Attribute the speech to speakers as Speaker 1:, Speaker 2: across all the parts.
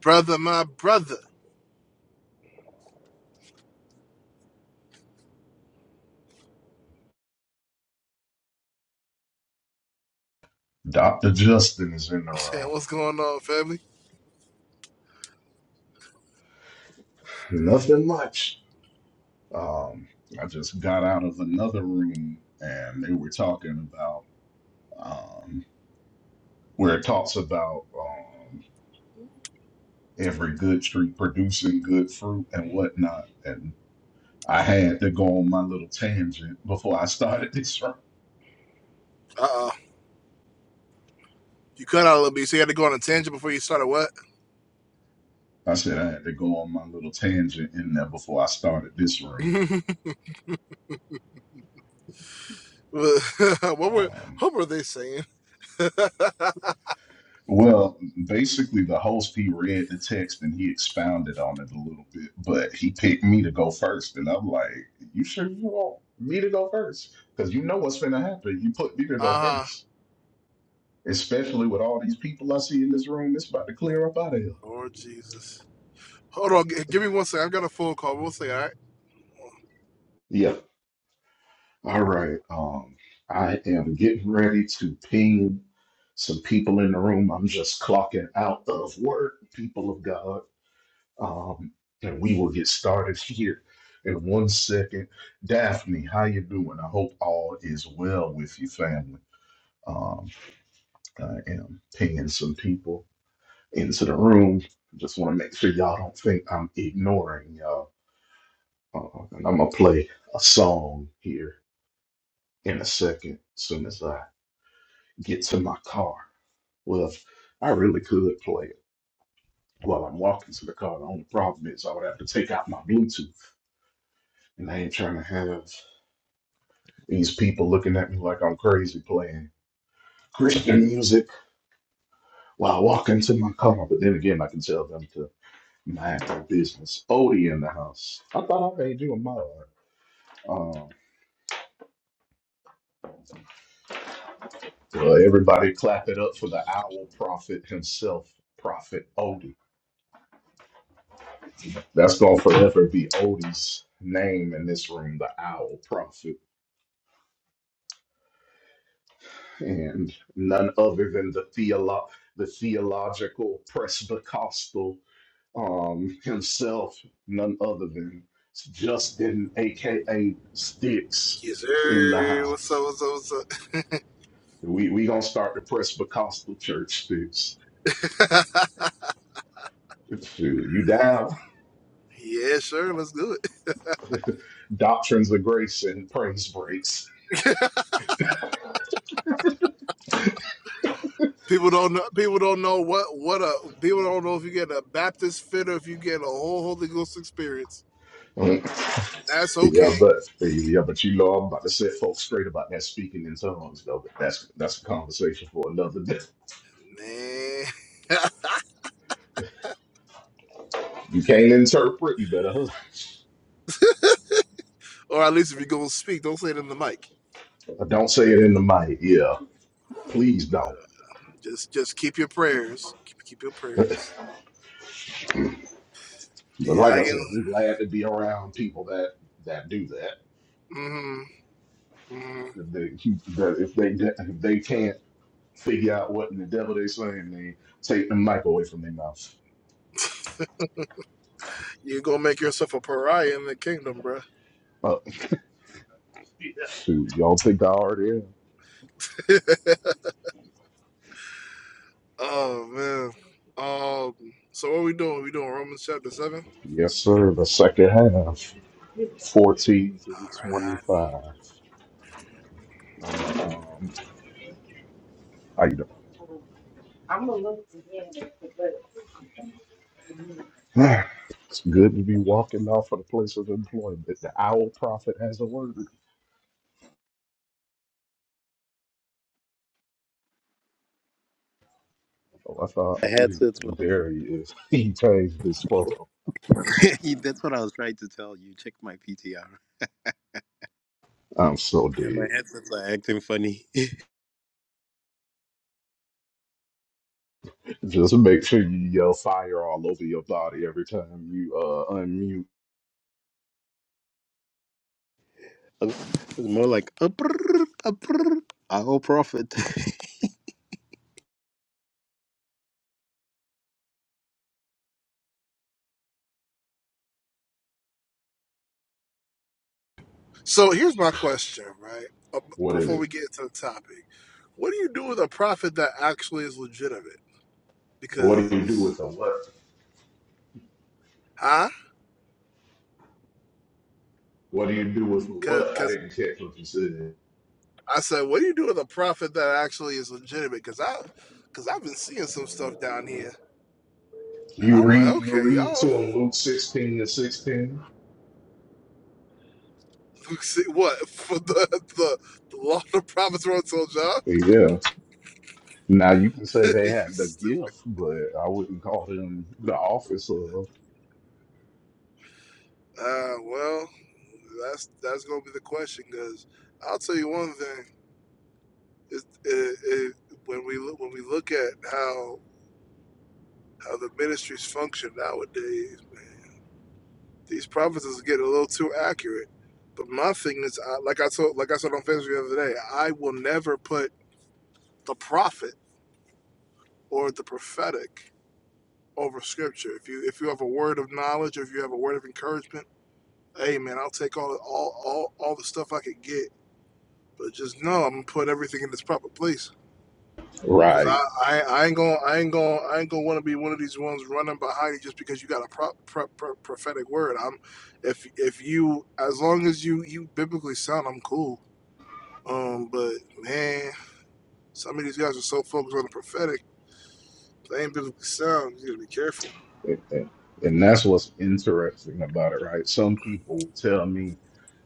Speaker 1: Brother, my brother.
Speaker 2: Dr. Justin is in the
Speaker 1: Yeah,
Speaker 2: room.
Speaker 1: What's going on, family?
Speaker 2: Nothing much. Um, I just got out of another room and they were talking about
Speaker 1: Uh
Speaker 2: um, where it talks about um, every good tree producing good fruit and whatnot. And I had to go on my little tangent before I started this room.
Speaker 1: oh. You cut out a little bit, so you had to go on a
Speaker 2: Okay.
Speaker 1: tangent before you started what?
Speaker 2: I said I had to go on my little tangent in there before I started this room.
Speaker 1: what were
Speaker 2: Um,
Speaker 1: what were they saying? uh
Speaker 2: Well, basically, the host he read the text and he expounded on it a little bit, but he picked me to go first, and I'm like, "You sure you want me to go first? Because you know what's gonna happen. You put me to go
Speaker 1: huh.
Speaker 2: first, especially with all these people I see in this room. It's about to clear up out of here."
Speaker 1: Lord Jesus. Hold on, g- give me one second. I've got a phone call. We'll say, all right.
Speaker 2: Yeah. All right. Um, I am getting ready to ping some people in the room. I'm just clocking out of work, people of God. um, and we will get started here in one second. Daphne, how you doing? I hope all is well with you, family. Um, I am pinging some people into the room. Just want to make sure y'all don't think I'm ignoring y'all. Uh, and I'm gonna play a song here in a second, soon as I get to my car. Well, if I really could play it while I'm walking to the car. The only problem is I would have to take out my Bluetooth, and I ain't trying to have These people looking at me like I'm crazy playing Christian music while walking to my car. But then again, I can tell them to mind their business. Odie in the house. I thought I made you a mod. Um, well, everybody clap it up for the owl prophet himself, Prophet Odie. That's going to forever be Odie's name in this room, the owl prophet. And none other than the, theolo- the theological Presbycostal um, himself, none other than Justin, aka Sticks,
Speaker 1: Yes,
Speaker 2: in the
Speaker 1: sir. What's up?
Speaker 2: house.
Speaker 1: What's up?
Speaker 2: We we gonna start the Presbyterian Church Sticks.
Speaker 1: What's up?
Speaker 2: Shoot, You down?
Speaker 1: yeah, sure. Let's do it.
Speaker 2: Doctrines of grace and praise breaks.
Speaker 1: People don't know. People don't know what what a. People don't know if you get a Baptist fit or if you get a whole Holy Ghost experience.
Speaker 2: Mm.
Speaker 1: That's
Speaker 2: yeah,
Speaker 1: okay,
Speaker 2: but yeah, but you know I'm about to set folks straight about that speaking in tongues though. But that's that's a conversation for another day.
Speaker 1: man.
Speaker 2: You can't interpret, you better hush.
Speaker 1: Or at least if you're gonna speak, don't say it in the mic.
Speaker 2: Don't say it in the mic. Yeah, please don't.
Speaker 1: Just just keep your prayers. Keep keep your prayers.
Speaker 2: But
Speaker 1: Yeah,
Speaker 2: like I
Speaker 1: I
Speaker 2: said,
Speaker 1: can.
Speaker 2: I'm glad to be around people that that do that.
Speaker 1: Mm-hmm, mm-hmm.
Speaker 2: If they that if they if they can't figure out what in the devil they saying, they take the mic away from their mouth.
Speaker 1: You're gonna make yourself a pariah in the kingdom, bruh.
Speaker 2: Uh, shoot, y'all think I already am?
Speaker 1: Oh man. Um. So what are we doing? We doing Romans chapter seven.
Speaker 2: Yes, sir. The second half, fourteen to
Speaker 1: All right.
Speaker 2: twenty-five. Um, how you doing? It's good to be walking off of the place of employment. The owl prophet has a word. Oh, I thought,
Speaker 3: My
Speaker 2: oh,
Speaker 3: headsets were
Speaker 2: and
Speaker 3: not
Speaker 2: there he is. He changed his photo.
Speaker 3: working. That's what I was trying to tell you. Check my PTR. Yeah,
Speaker 2: I'm so
Speaker 3: my
Speaker 2: dead.
Speaker 3: headsets are acting funny. it's
Speaker 2: Just make sure you yell fire all over your body every time you uh unmute.
Speaker 3: more like a brrr, a brrr, a whole prophet.
Speaker 1: So here's my question, right? Uh, b-
Speaker 2: What is
Speaker 1: Before
Speaker 2: it?
Speaker 1: we get to the topic, what do you do with a prophet that actually is legitimate?
Speaker 2: What do you do
Speaker 1: Because,
Speaker 2: with a what?
Speaker 1: huh?
Speaker 2: What do you do with a what? I
Speaker 1: Because,
Speaker 2: didn't catch what you said.
Speaker 1: I said, what do you do with a prophet that actually is legitimate? Because I, because I've been seeing some stuff down here, and
Speaker 2: You
Speaker 1: I'm like,
Speaker 2: read you
Speaker 1: okay,
Speaker 2: read to
Speaker 1: y'all,
Speaker 2: them Luke 16 and 16.
Speaker 1: see what for the the, the law the prophets were told y'all?
Speaker 2: Yeah. Now you can say they
Speaker 1: you
Speaker 2: had the
Speaker 1: stupid.
Speaker 2: gift, but I wouldn't call them the office of
Speaker 1: Uh, well, that's that's gonna be the question. Because I'll tell you one thing: it, it, it, when we look when we look at how how the ministries function nowadays, man. These prophecies get a little too accurate. But my thing is, I, like I told, like I said on Facebook the other day, I will never put the prophet or the prophetic over scripture. If you if you have a word of knowledge, or if you have a word of encouragement, hey man, I'll take all all all, all the stuff I could get. But just know I'm gonna put everything in its proper place. Cause
Speaker 2: right.
Speaker 1: I, I, I ain't gonna I ain't gonna I ain't gonna want to be one of these ones running behind you just because you got a pro, pro, pro, prophetic word. I'm if if you as long as you you biblically sound, I'm cool Um, but man, some of these guys are so focused on the prophetic, they ain't biblically sound. You gotta be careful.
Speaker 2: And, and that's what's interesting about it, right? Some people tell me,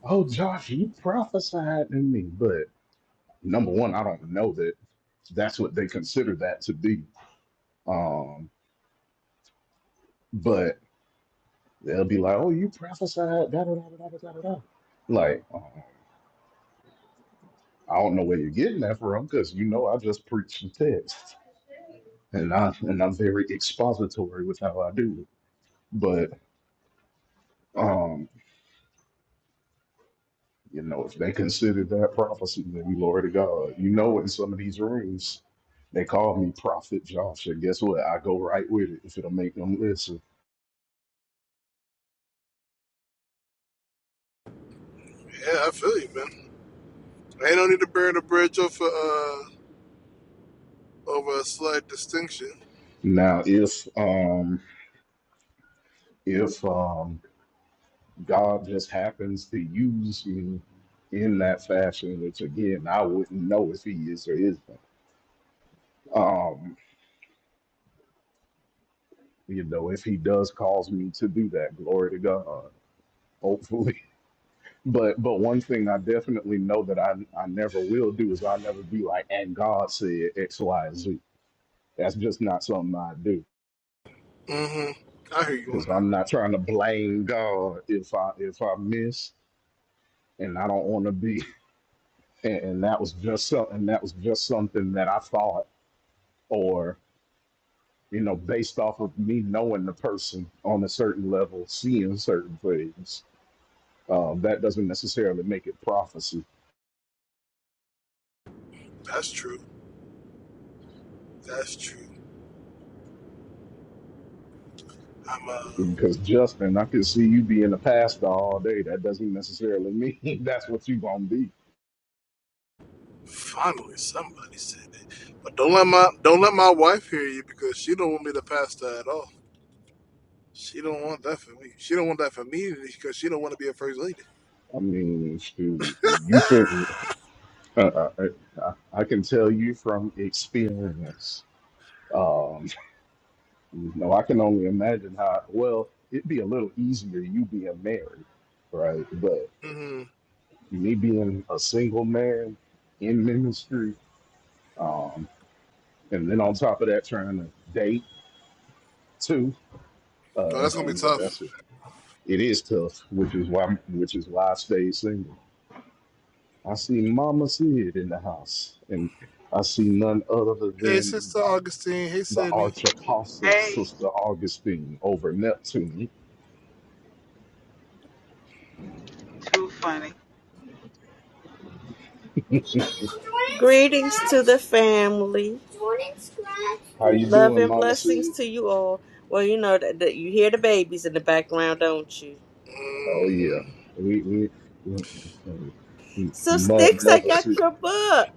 Speaker 2: Oh Josh, you prophesied to me, number one, I don't know that that's what they consider that to be. Um, but they'll be like, "Oh, you prophesied da da da da da da da." da." Like, uh, I don't know where you're getting that from because you know I just preach the text, and I and I'm very expository with how I do it. But um, you know, if they consider that prophecy, then glory to God. You know, in some of these rooms, they call me Prophet Josh, and guess what? I go right with it if it'll make them listen.
Speaker 1: Yeah, I feel you, man. Ain't no need to burn the bridge over uh over a slight distinction.
Speaker 2: Now, if um if um, God just happens to use me in that fashion, which again I wouldn't know if He is or isn't. Um, you know, if He does cause me to do that, glory to God. Hopefully, but but one thing I definitely know that I I never will do is I'll never be like, and God said X, Y, Z. That's just not something I do
Speaker 1: Mm-hmm. I hear you
Speaker 2: because
Speaker 1: on that.
Speaker 2: I'm not trying to blame God if I if I miss, and I don't want to be and, and that was just so, and that was just something that I thought, or you know, based off of me knowing the person on a certain level, seeing certain things. Um, that doesn't necessarily make it prophecy,
Speaker 1: That's true. That's true. I'm uh
Speaker 2: because Justin, I could see you being a pastor all day. That doesn't necessarily mean that's what you gonna be.
Speaker 1: finally somebody said it. But don't let my don't let my wife hear you because she don't want me to pass that at all. She don't want that for me. She don't want that for me because she don't want to be a first lady.
Speaker 2: I mean, shoot, you think uh, I, I I can tell you from experience. um, No, I can only imagine how. Well, it'd be a little easier you being married, right? But
Speaker 1: Mm-hmm.
Speaker 2: me being a single man in ministry, um, and then on top of that, trying to date too.
Speaker 1: No,
Speaker 2: Uh,
Speaker 1: that's gonna be
Speaker 2: yeah,
Speaker 1: tough.
Speaker 2: that's what, it is tough, which is why which is why I stayed single. I see Mama Sid in the house, and I see none other
Speaker 1: Hey,
Speaker 2: than
Speaker 1: sister
Speaker 2: the,
Speaker 1: Augustine. Hey,
Speaker 2: the
Speaker 1: Sydney.
Speaker 2: arch apostle,
Speaker 4: Hey,
Speaker 2: Sister Augustine, over Neptune.
Speaker 4: too funny.
Speaker 5: Greetings to the family.
Speaker 2: How you
Speaker 5: Love
Speaker 2: doing,
Speaker 5: and
Speaker 2: Mama
Speaker 5: blessings
Speaker 2: Sid?
Speaker 5: to you all. Well, you know that, that you hear the babies in the background, don't you?
Speaker 2: Oh yeah,
Speaker 1: Mhm.
Speaker 2: we we, we, we
Speaker 5: So,
Speaker 2: mo-
Speaker 5: Sticks, I
Speaker 2: mother.
Speaker 5: got
Speaker 2: Su-
Speaker 5: your book.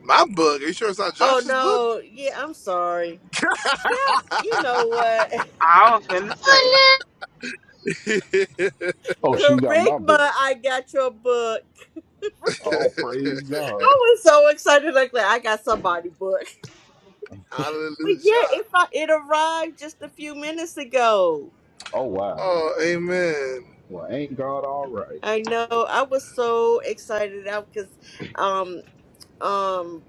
Speaker 1: My book. Are you sure it's not
Speaker 5: Oh
Speaker 1: Josh's book?
Speaker 5: no, yeah, I'm sorry. Yeah, you know what?
Speaker 4: I was finna say.
Speaker 2: Oh, she got my
Speaker 5: Kerygma,
Speaker 2: book.
Speaker 5: I got your book. I
Speaker 2: Oh, praise God.
Speaker 5: was so excited, like like, I got somebody book. But
Speaker 1: Hallelujah.
Speaker 5: yeah, if I it arrived just a few minutes ago.
Speaker 2: Oh wow.
Speaker 1: Oh, amen.
Speaker 2: Well, ain't God all right?
Speaker 5: I know I was so excited out because um. um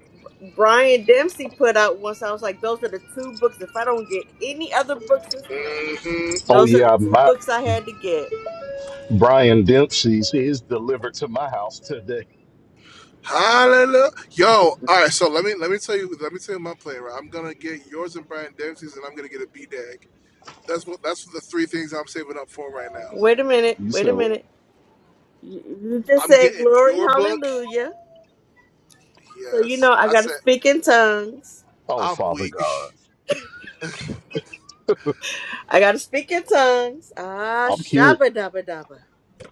Speaker 5: Brian Dempsey put out once. I was like, those are the two books. If I don't get any other books this month,
Speaker 1: hmm
Speaker 2: Oh
Speaker 5: those are the
Speaker 2: yeah,
Speaker 5: two
Speaker 2: my
Speaker 5: books I had to get.
Speaker 2: Brian Dempsey's is delivered to my house today.
Speaker 1: Hallelujah. Yo, all right. So let me let me tell you let me tell you my plan. Right, I'm gonna get yours and Brian Dempsey's, and I'm gonna get a B dag. That's what that's the three things I'm saving up for right now.
Speaker 5: Wait a minute,
Speaker 2: You
Speaker 5: wait
Speaker 2: said
Speaker 5: a
Speaker 2: what?
Speaker 5: minute. You you just
Speaker 1: I'm
Speaker 5: said
Speaker 1: getting
Speaker 5: glory,
Speaker 1: your book.
Speaker 5: hallelujah. So you
Speaker 1: Yes,
Speaker 5: know I
Speaker 1: I
Speaker 5: gotta
Speaker 1: said
Speaker 5: speak in tongues.
Speaker 2: Oh,
Speaker 1: I'm
Speaker 2: Father
Speaker 1: weak.
Speaker 2: God,
Speaker 5: I gotta speak in tongues. Ah,
Speaker 2: I'm curious.
Speaker 5: shabba dabba dabba.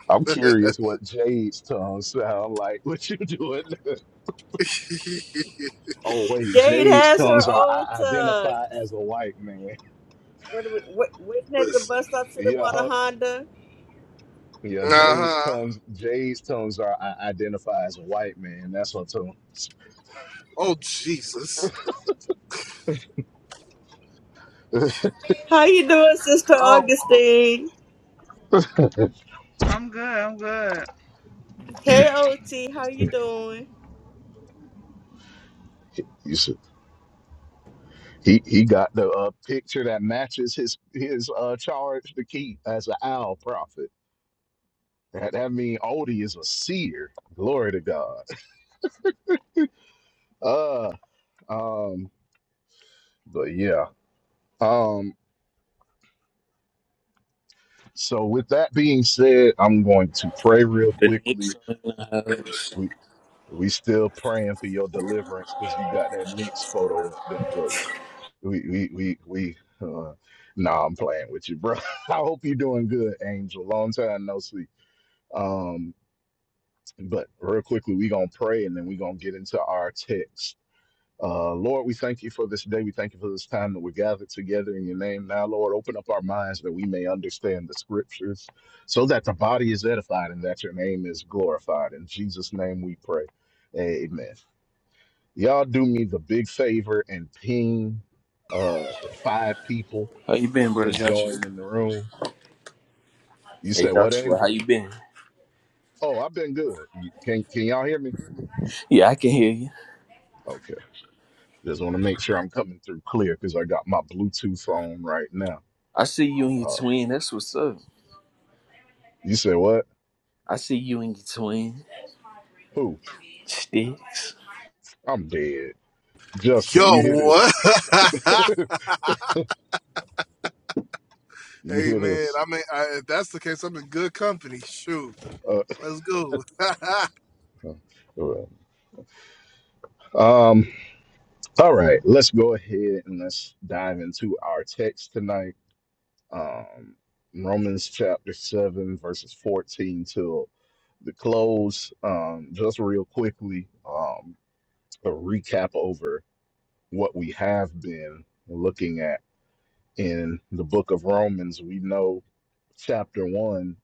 Speaker 2: I'm curious what Jade's tongue sound like. What you doing? oh wait,
Speaker 5: Jade
Speaker 2: Jade's
Speaker 5: has her
Speaker 2: tongues are
Speaker 5: old
Speaker 2: I
Speaker 5: tongues.
Speaker 2: identify as a white man.
Speaker 5: Wait a minute, wait, waiting at the
Speaker 1: Listen.
Speaker 5: bus stop. Should have bought a
Speaker 2: Yeah,
Speaker 5: Honda.
Speaker 2: Yeah,
Speaker 1: Uh
Speaker 2: Jay's
Speaker 1: huh.
Speaker 2: tones. Jay's tones are I identify as a white man. That's what tones.
Speaker 1: Oh Jesus.
Speaker 5: How you doing, Sister
Speaker 1: Y'all.
Speaker 5: Augustine?
Speaker 4: I'm good, I'm good.
Speaker 5: Hey, OT, how you doing?
Speaker 2: You should- he he got the uh, picture that matches his his uh, charge to keep as an owl prophet. That, that mean Odie is a seer. Glory to God. Uh, um, but yeah. Um, so with that being said, I'm going to pray real
Speaker 6: The Knicks
Speaker 2: quickly.
Speaker 6: are in the house.
Speaker 2: We. We still praying for your deliverance because you got that Knicks photo up there, but we, we, we, we, we. Uh, nah, I'm playing with you, bro. I hope you're doing good, Angel. Long time no see. Um, but real quickly, we gonna pray and then we gonna get into our text. Uh, Lord, we thank you for this day. We thank you for this time that we're gathered together in your name. Now, Lord, open up our minds that we may understand the scriptures so that the body is edified and that your name is glorified. In Jesus' name we pray. Amen y'all do me the big favor and ping uh five people
Speaker 6: How you been, brother
Speaker 2: to
Speaker 6: Joshua?
Speaker 2: join in the room. You
Speaker 6: Hey
Speaker 2: said what,
Speaker 6: Joshua, how
Speaker 2: Angel?
Speaker 6: you been?
Speaker 2: Oh, I've been good. You, can can y'all hear me?
Speaker 6: Yeah, I can hear you.
Speaker 2: Okay. Just want to make sure I'm coming through clear because I got my Bluetooth on right now.
Speaker 6: I see you and your
Speaker 2: Uh,
Speaker 6: twin. That's what's up.
Speaker 2: you said what?
Speaker 6: I see you and your twin.
Speaker 2: Who?
Speaker 6: Sticks.
Speaker 2: I'm dead. Justin, you
Speaker 1: Yo,
Speaker 2: hear
Speaker 1: what?
Speaker 2: this? You
Speaker 1: hey
Speaker 2: hear
Speaker 1: man,
Speaker 2: this?
Speaker 1: I mean, I, if that's the case, I'm in good company. Shoot,
Speaker 2: Uh,
Speaker 1: let's go.
Speaker 2: um. All right. Let's go ahead and let's dive into our text tonight. um, Romans chapter 7, verses 14 till the close. Um, just real quickly, um, a recap over what we have been looking at in the book of Romans. We know chapter 1,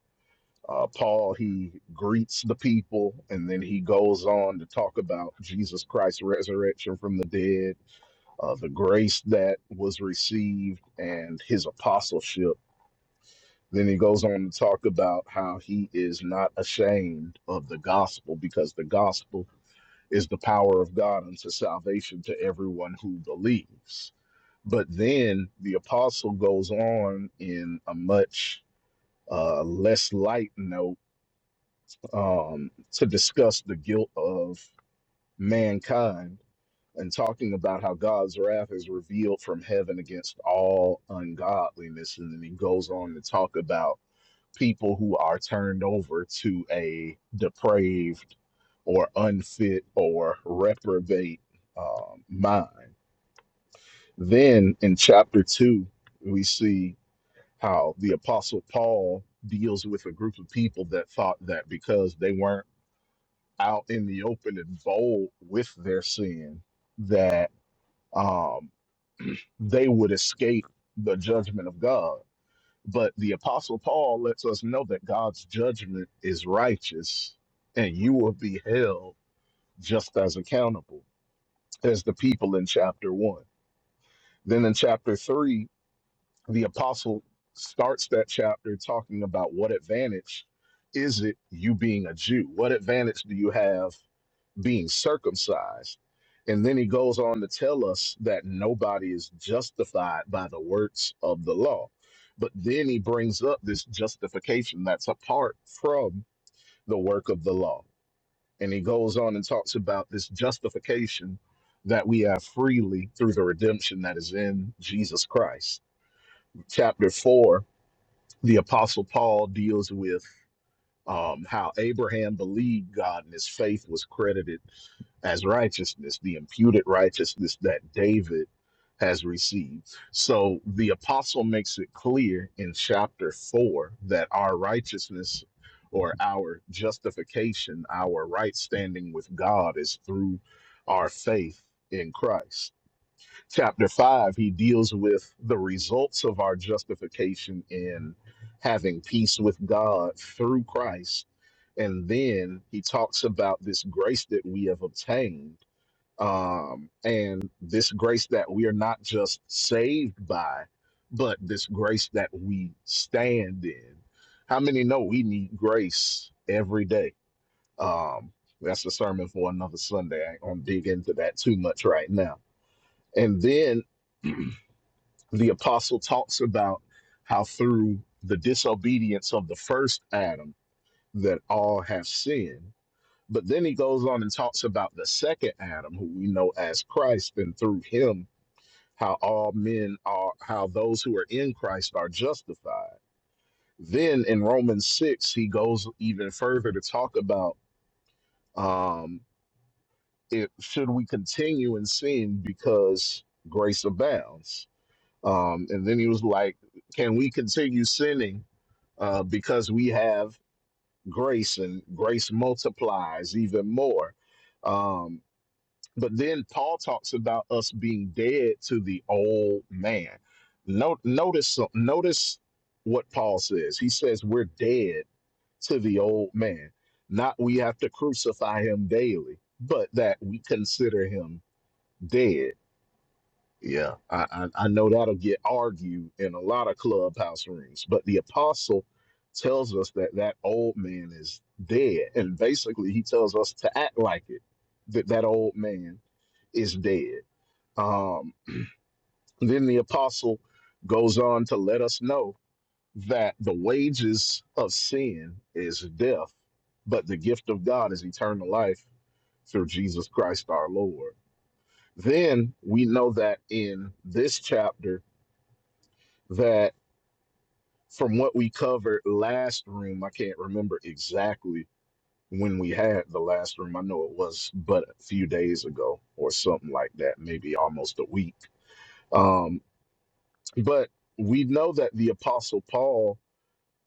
Speaker 2: uh, Paul, he greets the people and then he goes on to talk about Jesus Christ's resurrection from the dead, uh, the grace that was received, and his apostleship Then he goes on to talk about how he is not ashamed of the gospel because the gospel is the power of God unto salvation to everyone who believes. But then the apostle goes on in a much uh, less light note um, to discuss the guilt of mankind and talking about how God's wrath is revealed from heaven against all ungodliness. And then he goes on to talk about people who are turned over to a depraved or unfit or reprobate um, mind. Then in chapter 2, we see how the Apostle Paul deals with a group of people that thought that because they weren't out in the open and bold with their sin, that um, they would escape the judgment of God But the Apostle Paul lets us know that God's judgment is righteous and you will be held just as accountable as the people in chapter one. Then in chapter three, the Apostle starts that chapter talking about what advantage is it you being a Jew? What advantage do you have being circumcised. And then he goes on to tell us that nobody is justified by the works of the law. But then he brings up this justification that's apart from the work of the law. And he goes on and talks about this justification that we have freely through the redemption that is in Jesus Christ. Chapter four, the Apostle Paul deals with um, how Abraham believed God and his faith was credited as righteousness, the imputed righteousness that David has received. So the apostle makes it clear in chapter 4 that our righteousness or our justification, our right standing with God is through our faith in Christ. Chapter 5, he deals with the results of our justification in having peace with God through Christ. And then he talks about this grace that we have obtained um, and this grace that we are not just saved by, but this grace that we stand in. How many know we need grace every day? Um, that's a sermon for another Sunday. I ain't gonna dig into that too much right now. And then the apostle talks about how through the disobedience of the first Adam that all have sinned. But then he goes on and talks about the second Adam, who we know as Christ, and through him how all men are, how those who are in Christ are justified. Then in Romans 6, he goes even further to talk about um, it, should we continue in sin because grace abounds? Um, and then he was like, can we continue sinning uh, because we have grace and grace multiplies even more? Um, But then Paul talks about us being dead to the old man. No, notice, so- notice what Paul says. He says we're dead to the old man. Not we have to crucify him daily, but that we consider him dead. Yeah, I, I, I know that'll get argued in a lot of clubhouse rooms, but the apostle tells us that that old man is dead. And basically, he tells us to act like it, that that old man is dead. Um, then the apostle goes on to let us know that the wages of sin is death, but the gift of God is eternal life through Jesus Christ our Lord. Then we know that in this chapter that from what we covered last room, I can't remember exactly when we had the last room. I know it was but a few days ago or something like that, maybe almost a week Um, But we know that the Apostle Paul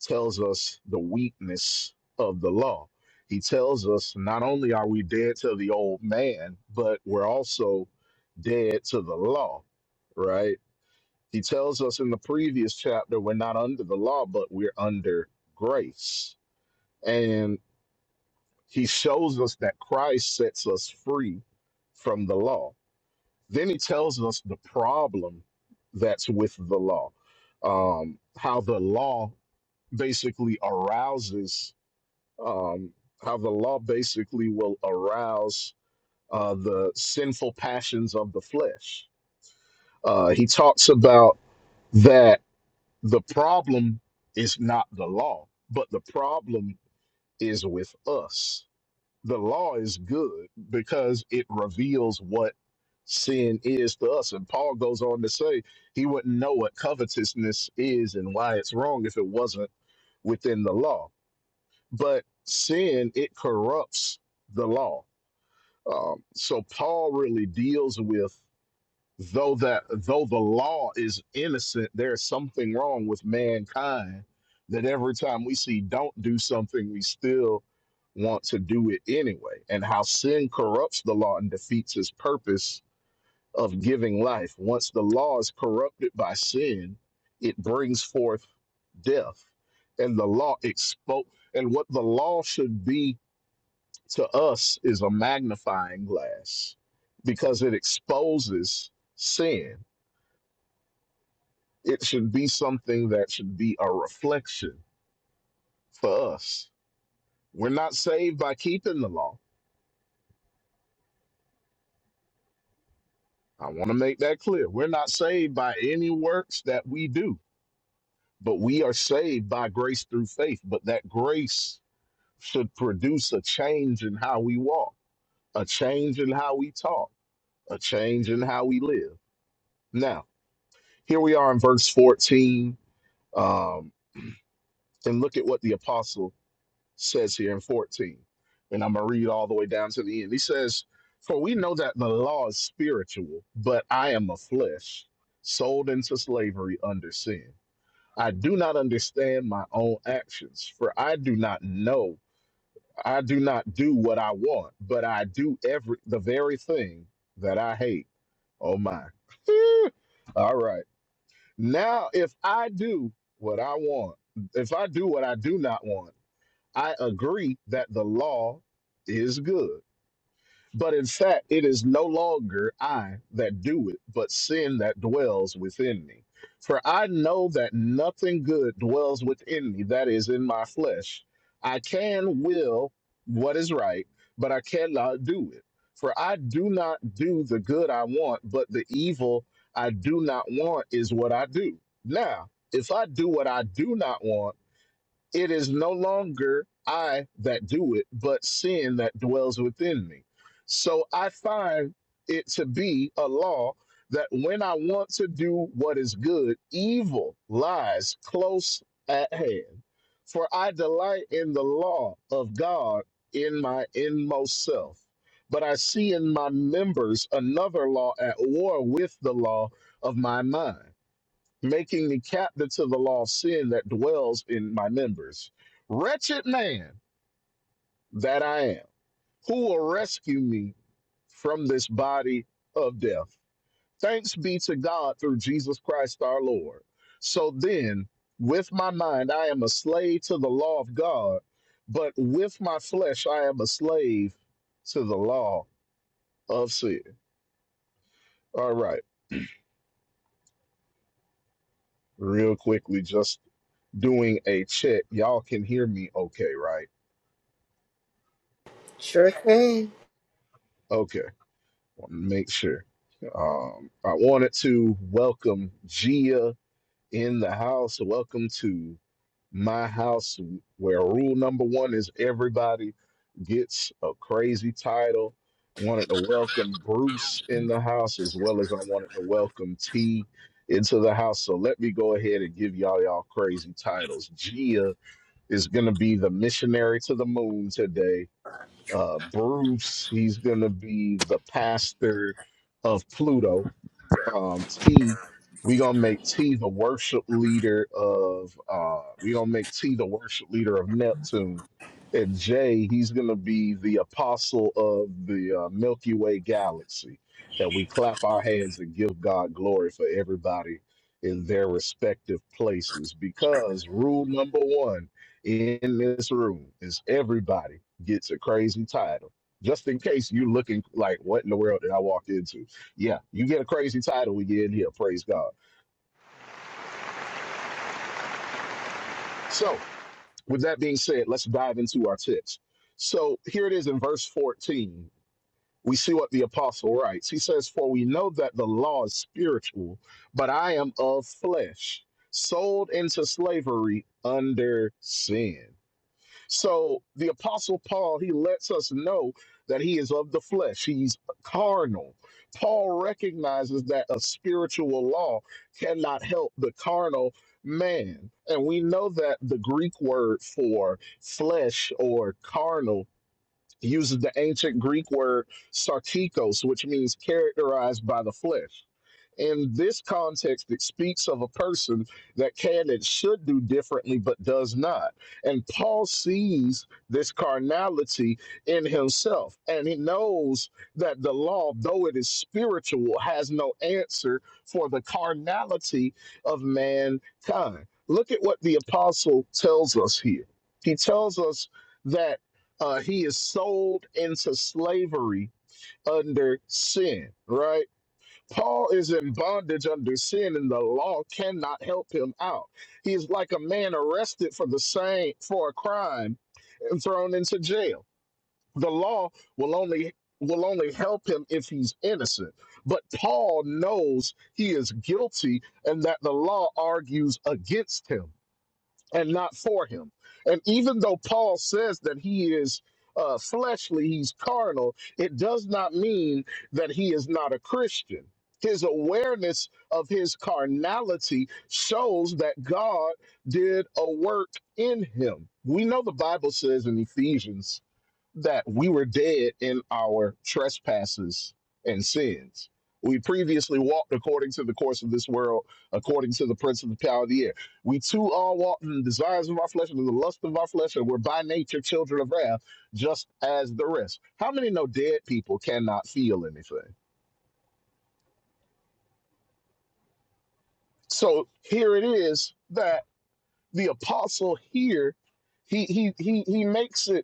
Speaker 2: tells us the weakness of the law. He tells us not only are we dead to the old man, but we're also dead to the law, right? He tells us in the previous chapter we're not under the law, but we're under grace. And he shows us that Christ sets us free from the law then he tells us the problem that's with the law, um, how the law basically arouses, um, how the law basically will arouse uh, the sinful passions of the flesh. Uh, he talks about that the problem is not the law, but the problem is with us the law is good because it reveals what sin is to us. And Paul goes on to say he wouldn't know what covetousness is and why it's wrong if it wasn't within the law. But sin, it corrupts the law. Um, so Paul really deals with though that though the law is innocent, there's something wrong with mankind that every time we see don't do something, we still want to do it anyway. And how sin corrupts the law and defeats its purpose of giving life. Once the law is corrupted by sin, it brings forth death. And the law expo and what the law should be to us is a magnifying glass because it exposes sin it should be something that should be a reflection for us. We're not saved by keeping the law. I want to make that clear. We're not saved by any works that we do, but we are saved by grace through faith. But that grace should produce a change in how we walk, a change in how we talk, a change in how we live. Now, here we are in verse 14. Um, and look at what the apostle says here in 14. And I'm going to read all the way down to the end. He says, For we know that the law is spiritual, but I am a flesh, sold into slavery under sin. I do not understand my own actions, for I do not know. I do not do what I want, but I do every the very thing that I hate. Oh my. all right. Now if I do what I want, if I do what I do not want, I agree that the law is good. But in fact, it is no longer I that do it, but sin that dwells within me. For I know that nothing good dwells within me, that is in my flesh. I can will what is right, but I cannot do it. For I do not do the good I want, but the evil I do not want is what I do. Now, if I do what I do not want, it is no longer I that do it, but sin that dwells within me. So I find it to be a law that when I want to do what is good, evil lies close at hand. For I delight in the law of God in my inmost self. But I see in my members another law at war with the law of my mind making me captive to the law of sin that dwells in my members. Wretched man that I am, who will rescue me from this body of death? Thanks be to God through Jesus Christ our Lord. So then, with my mind, I am a slave to the law of God, but with my flesh, I am a slave to the law of sin. All right, real quickly, just doing a check. Y'all can hear me okay, right?
Speaker 5: Sure can.
Speaker 2: Okay. want to make sure. Um, I wanted to welcome Gia in the house. Welcome to my house, where rule number one is everybody gets a crazy title. Wanted to welcome Bruce in the house as well as I wanted to welcome T into the house. So let me go ahead and give y'all y'all crazy titles. Gia is going to be the missionary to the moon today uh, Bruce. He's going to be the pastor of Pluto um, T. We gonna make T the worship leader of. Uh, we gonna make T the worship leader of Neptune, and J he's gonna be the apostle of the uh, Milky Way galaxy. That we clap our hands and give God glory for everybody in their respective places. Because rule number one in this room is everybody gets a crazy title, just in case you looking like what in the world did I walk into yeah, you get a crazy title we get in here. Praise God. So, with that being said, let's dive into our text. So, here it is in verse 14. We see what the apostle writes. He says, For we know that the law is spiritual, but I am of flesh, sold into slavery under sin. So the apostle Paul, he lets us know that he is of the flesh. He's carnal. Paul recognizes that a spiritual law cannot help the carnal man. And we know that the Greek word for flesh or carnal uses the ancient Greek word sarkikos, which means characterized by the flesh in this context, it speaks of a person that can and should do differently, but does not. And Paul sees this carnality in himself, and he knows that the law, though it is spiritual, has no answer for the carnality of mankind. Look at what the apostle tells us here. He tells us that uh, he is sold into slavery under sin, right? Paul is in bondage under sin, and the law cannot help him out. He is like a man arrested for the same for a crime and thrown into jail. The law will only will only help him if he's innocent. But Paul knows he is guilty and that the law argues against him and not for him. And even though Paul says that he is uh, fleshly, he's carnal, it does not mean that he is not a Christian. His awareness of his carnality shows that God did a work in him. We know the Bible says in Ephesians that we were dead in our trespasses and sins. We previously walked according to the course of this world, according to the prince of the power of the air. We too all walked in the desires of our flesh and the lust of our flesh, and we're by nature children of wrath, just as the rest. How many know dead people cannot feel anything? So here it is that the apostle here, he he he he makes it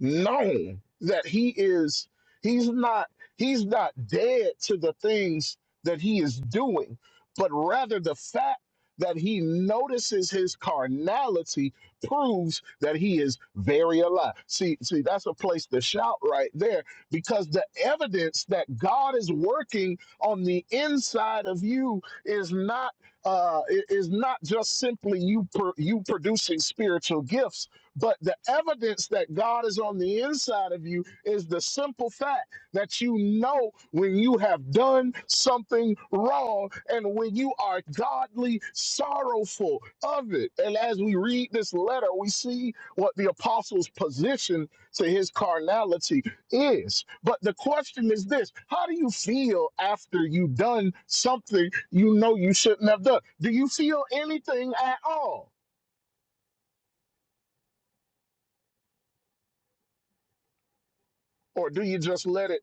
Speaker 2: known that he is he's not he's not dead to the things that he is doing but rather the fact that he notices his carnality proves that he is very alive see see that's a place to shout right there because the evidence that god is working on the inside of you is not uh i- is not just simply you pro- you producing spiritual gifts but the evidence that God is on the inside of you is the simple fact that you know when you have done something wrong and when you are godly sorrowful of it. And as we read this letter, we see what the apostle's position to his carnality is. But the question is this how do you feel after you've done something you know you shouldn't have done? Do you feel anything at all? Or do you just let it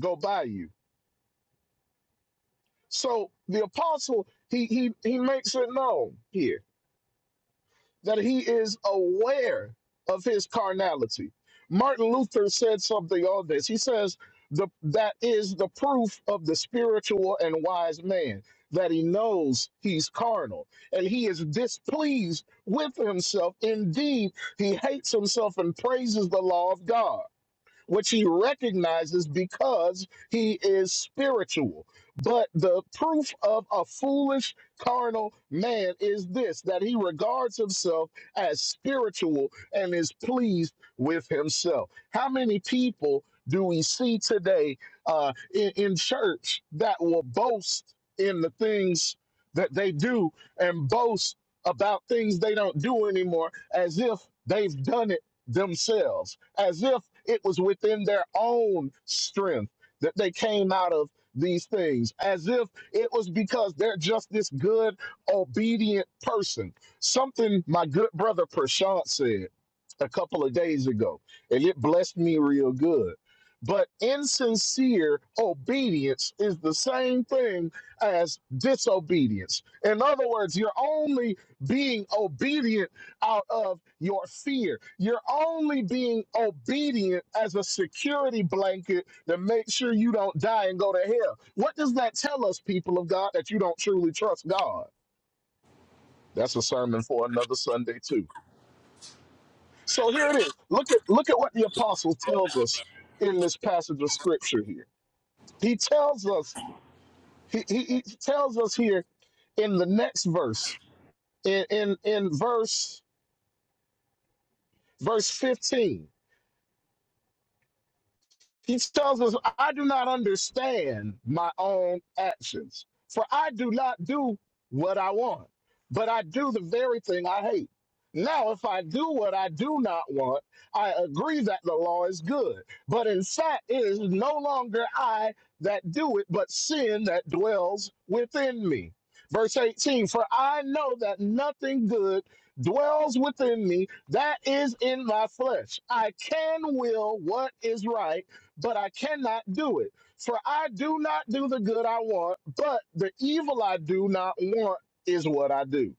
Speaker 2: go by you? So the apostle, he he he makes it known here that he is aware of his carnality. Martin Luther said something on this. He says the that is the proof of the spiritual and wise man that he knows he's carnal and he is displeased with himself. Indeed, he hates himself and praises the law of God which he recognizes because he is spiritual. But the proof of a foolish carnal man is this that he regards himself as spiritual and is pleased with himself. How many people do we see today uh, in, in church that will boast in the things that they do and boast about things they don't do anymore as if they've done it? themselves, as if it was within their own strength that they came out of these things, as if it was because they're just this good, obedient person. Something my good brother Prashant said a couple of days ago, and it blessed me real good. But insincere obedience is the same thing as disobedience. In other words, you're only being obedient out of your fear. You're only being obedient as a security blanket to make sure you don't die and go to hell. What does that tell us, people of God, that you don't truly trust God? That's a sermon for another Sunday too. So here it is. Look at look at what the apostle tells us in this passage of scripture here. He tells us he, he, he tells us here in the next verse in in, in verse verse 15 He tells us, I do not understand my own actions, for I do not do what I want, but I do the very thing I hate. Now, if I do what I do not want, I agree that the law is good. But in fact, it is no longer I that do it, but sin that dwells within me. Verse 18 For I know that nothing good dwells within me, that is in my flesh. I can will what is right but I cannot do it. For I do not do the good I want, but the evil I do not want is what I do.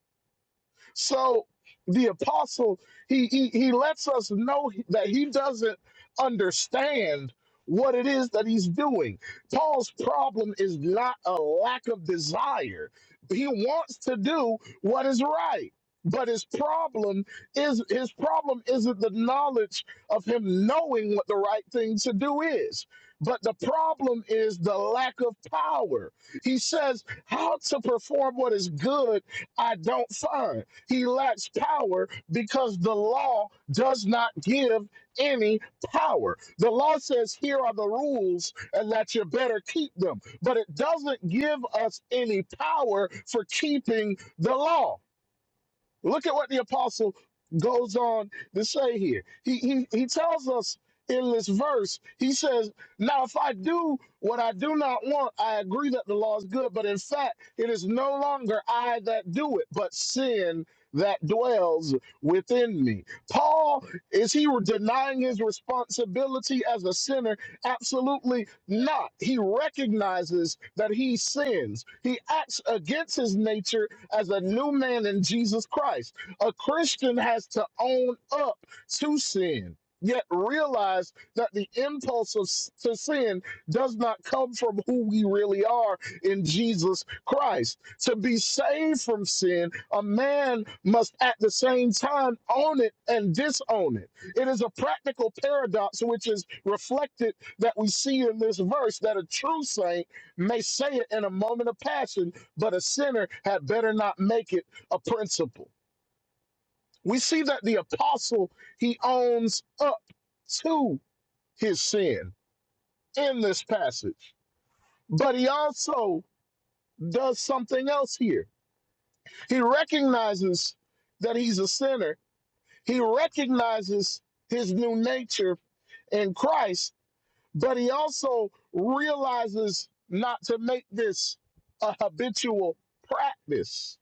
Speaker 2: So the apostle he, he he lets us know that he doesn't understand what it is that he's doing. Paul's problem is not a lack of desire. He wants to do what is right. But his problem is his problem isn't the knowledge of him knowing what the right thing to do is. But the problem is the lack of power. He says, How to perform what is good, I don't find. He lacks power because the law does not give any power. The law says, here are the rules and that you better keep them, but it doesn't give us any power for keeping the law. Look at what the apostle goes on to say here. He, he, he tells us in this verse, he says, Now if I do what I do not want, I agree that the law is good, but in fact, it is no longer I that do it, but sin that dwells within me. Paul, is he denying his responsibility as a sinner? Absolutely not. He recognizes that he sins, he acts against his nature as a new man in Jesus Christ. A Christian has to own up to sin, yet realize that the impulse of, to sin does not come from who we really are in Jesus Christ. To be saved from sin, a man must at the same time own it and disown it. It is a practical paradox which is reflected that we see in this verse that a true saint may say it in a moment of passion but a sinner had better not make it a principle. We see that the apostle, he owns up to his sin in this passage, but he also does something else here. He recognizes that he's a sinner, he recognizes his new nature in Christ, but he also realizes not to make this a habitual practice.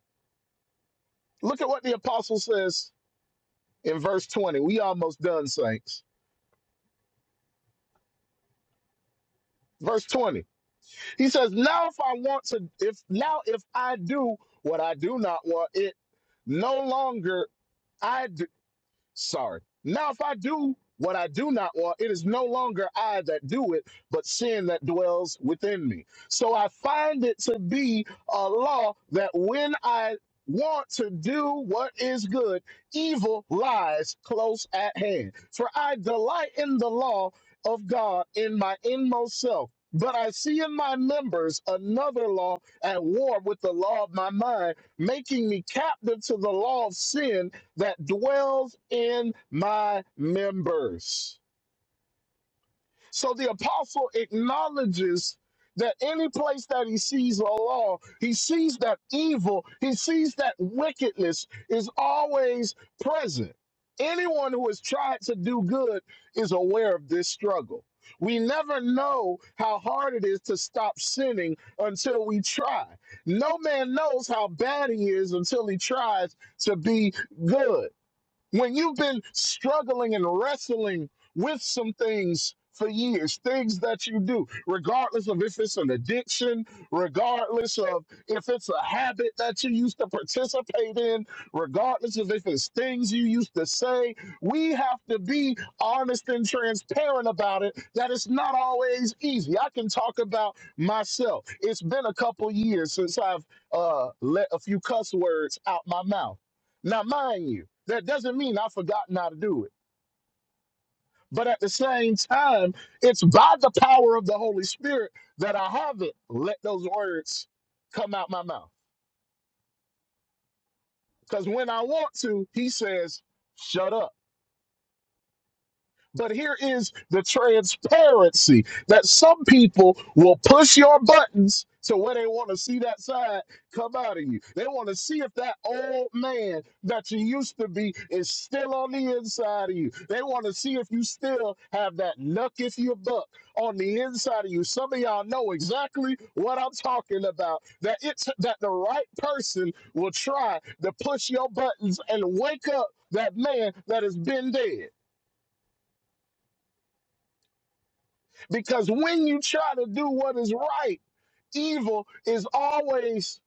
Speaker 2: Look at what the apostle says in verse 20. We almost done, saints. Verse 20. He says, Now if I want to, if now if I do what I do not want, it no longer I do. Sorry. Now, if I do what I do not want, it is no longer I that do it, but sin that dwells within me. So I find it to be a law that when I want to do what is good, evil lies close at hand. For I delight in the law of God in my inmost self. But I see in my members another law at war with the law of my mind, making me captive to the law of sin that dwells in my members. So the apostle acknowledges that any place that he sees the law, he sees that evil, he sees that wickedness is always present. Anyone who has tried to do good is aware of this struggle. We never know how hard it is to stop sinning until we try. No man knows how bad he is until he tries to be good when you've been struggling and wrestling with some things for years, things that you do, regardless of if it's an addiction, regardless of if it's a habit that you used to participate in, regardless of if it's things you used to say, we have to be honest and transparent about it that it's not always easy. I can talk about myself. It's been a couple years since I've uh, let a few cuss words out my mouth now, mind you, that doesn't mean I've forgotten how to do it. But at the same time, it's by the power of the Holy Spirit that I haven't let those words come out my mouth. Because when I want to, he says, shut up. But here is the transparency that some people will push your buttons to where they want to see that side come out of you. They want to see if that old man that you used to be is still on the inside of you. They want to see if you still have that knuck if you buck on the inside of you. Some of y'all know exactly what I'm talking about. That it's that the right person will try to push your buttons and wake up that man that has been dead. Because when you try to do what is right, evil is always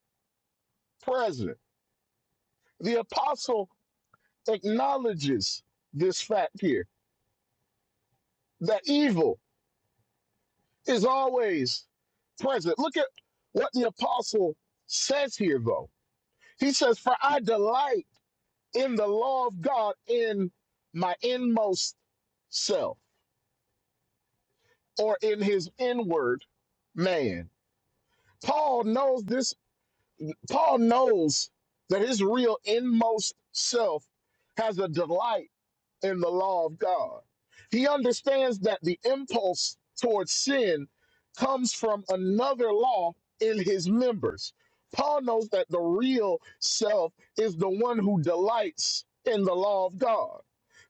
Speaker 2: present. The apostle acknowledges this fact here that evil is always present. Look at what the apostle says here, though. He says, For I delight in the law of God in my inmost self or in his inward man. Paul knows this Paul knows that his real inmost self has a delight in the law of God. He understands that the impulse towards sin comes from another law in his members. Paul knows that the real self is the one who delights in the law of God.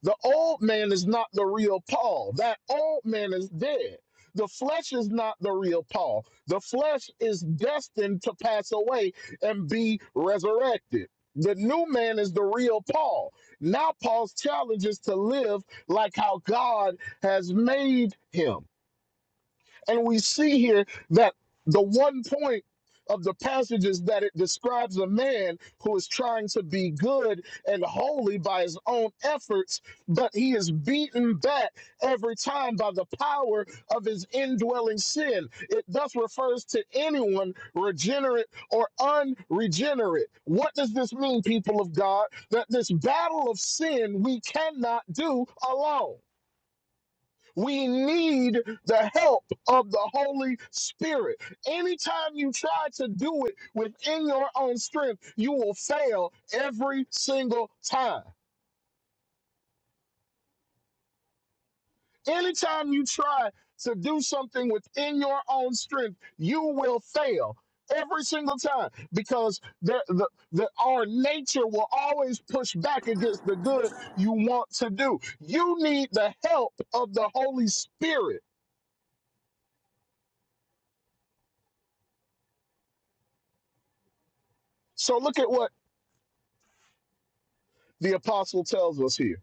Speaker 2: The old man is not the real Paul. That old man is dead. The flesh is not the real Paul. The flesh is destined to pass away and be resurrected. The new man is the real Paul now, Paul's challenge is to live like how God has made him. And we see here that the one point of the passage is that it describes a man who is trying to be good and holy by his own efforts, but he is beaten back every time by the power of his indwelling sin. It thus refers to anyone regenerate or unregenerate. What does this mean, people of God? That this battle of sin we cannot do alone. We need the help of the Holy Spirit. Anytime you try to do it within your own strength, you will fail every single time. Anytime you try to do something within your own strength, you will fail every single time because the, the, the, our nature will always push back against the good you want to do. You need the help of the Holy Spirit. So look at what the apostle tells us here.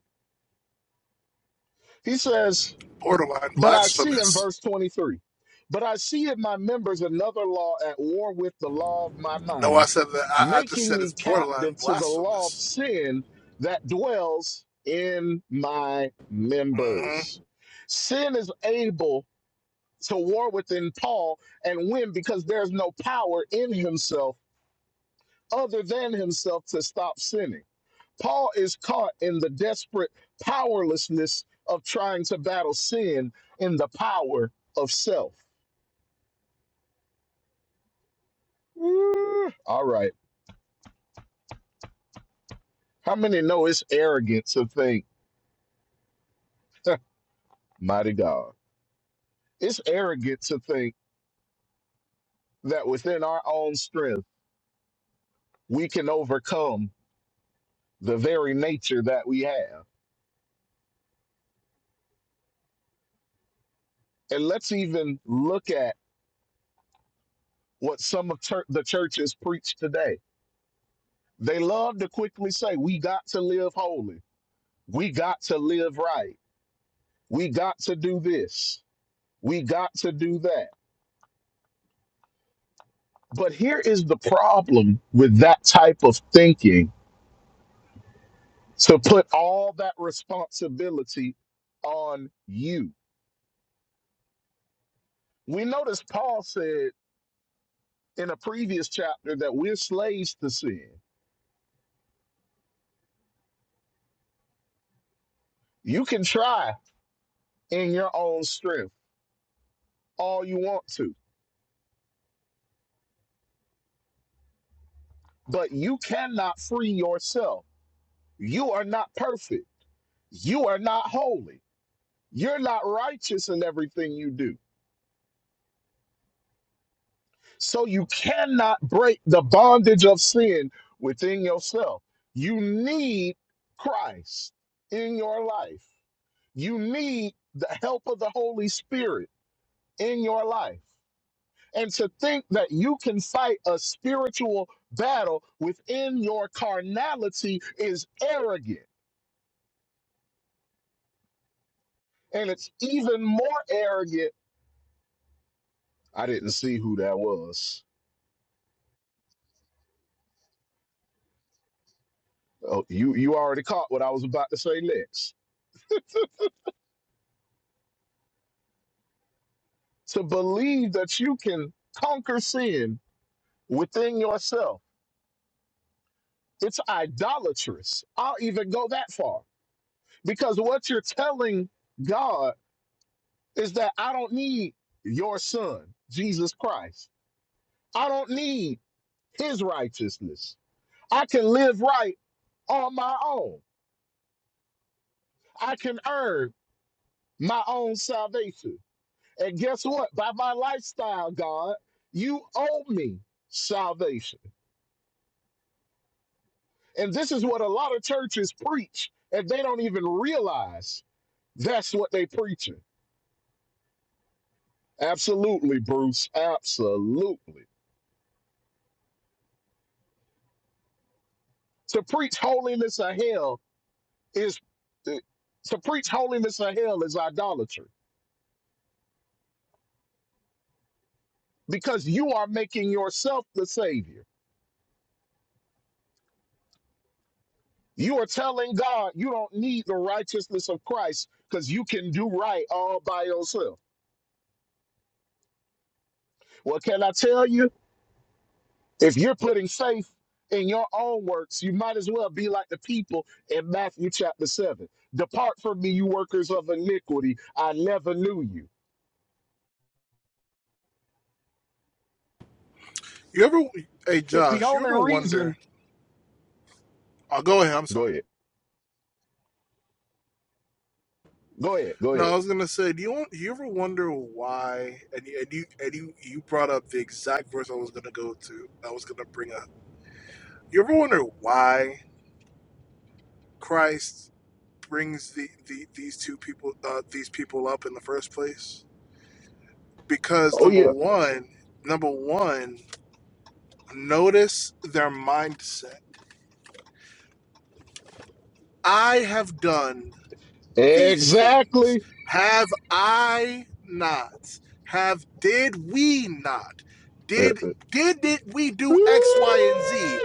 Speaker 2: He says,
Speaker 1: borderline
Speaker 2: But I see in
Speaker 1: blasphemous.
Speaker 2: verse 23, but I see in my members another law at war with the law of my
Speaker 1: No, I
Speaker 2: mind,
Speaker 1: said that. I, I just
Speaker 2: making
Speaker 1: said
Speaker 2: me
Speaker 1: it's borderline
Speaker 2: captive to the law of
Speaker 1: blasphemous.
Speaker 2: sin that dwells in my
Speaker 1: hmm
Speaker 2: members. Sin is able to war within Paul and win because there's no power in himself other than himself to stop sinning. Paul is caught in the desperate powerlessness of trying to battle sin in the power of self. All right. How many know it's arrogant to think, mighty God? It's arrogant to think that within our own strength, we can overcome the very nature that we have. And let's even look at what some of chur- the churches preach today. They love to quickly say, we got to live holy. We got to live right We got to do this. We got to do that. But here is the problem with that type of thinking to put all that responsibility on you. We notice Paul said in a previous chapter that we're slaves to sin. You can try in your own strength all you want to, but you cannot free yourself. You are not perfect. You are not holy. You're not righteous in everything you do So you cannot break the bondage of sin within yourself. You need Christ in your life. You need the help of the Holy Spirit in your life. And to think that you can fight a spiritual battle within your carnality is arrogant. And it's even more arrogant. I didn't see who that was. Oh, you you already caught what I was about to say next to believe that you can conquer sin within yourself. It's idolatrous. I'll even go that far because what you're telling God is that I don't need your son, Jesus Christ. I don't need his righteousness. I can live right on my own. I can earn my own salvation. And guess what? By my lifestyle, God, you owe me salvation. And this is what a lot of churches preach, and they don't even realize that's what they preaching. Absolutely, Bruce. Absolutely. To preach holiness of hell is to preach holiness of hell is idolatry because you are making yourself the savior. You are telling God you don't need the righteousness of Christ because you can do right all by yourself. Well, can I tell you? If you're putting faith in your own works, you might as well be like the people in Matthew chapter 7. Depart from me, you workers of iniquity. I never knew you.
Speaker 1: You ever? Hey,
Speaker 2: If the
Speaker 1: Josh, you
Speaker 2: only
Speaker 1: ever
Speaker 2: reason,
Speaker 1: wonder? I'll go ahead. I'm
Speaker 2: go
Speaker 1: sorry.
Speaker 2: ahead, go ahead, go
Speaker 1: No, I
Speaker 2: ahead.
Speaker 1: was gonna say, do you want, you ever wonder why? And you, and you and you you brought up the exact verse I was gonna go to. I was gonna bring up. You ever wonder why Christ? brings the, the these two people uh, these people up in the first place? Because
Speaker 2: Oh,
Speaker 1: number
Speaker 2: yeah,
Speaker 1: one, number one, notice their mindset. I have done these things.
Speaker 2: exactly.
Speaker 1: Have I not? Have did we not?
Speaker 2: let,
Speaker 1: Did did it we do X, Y, and Z?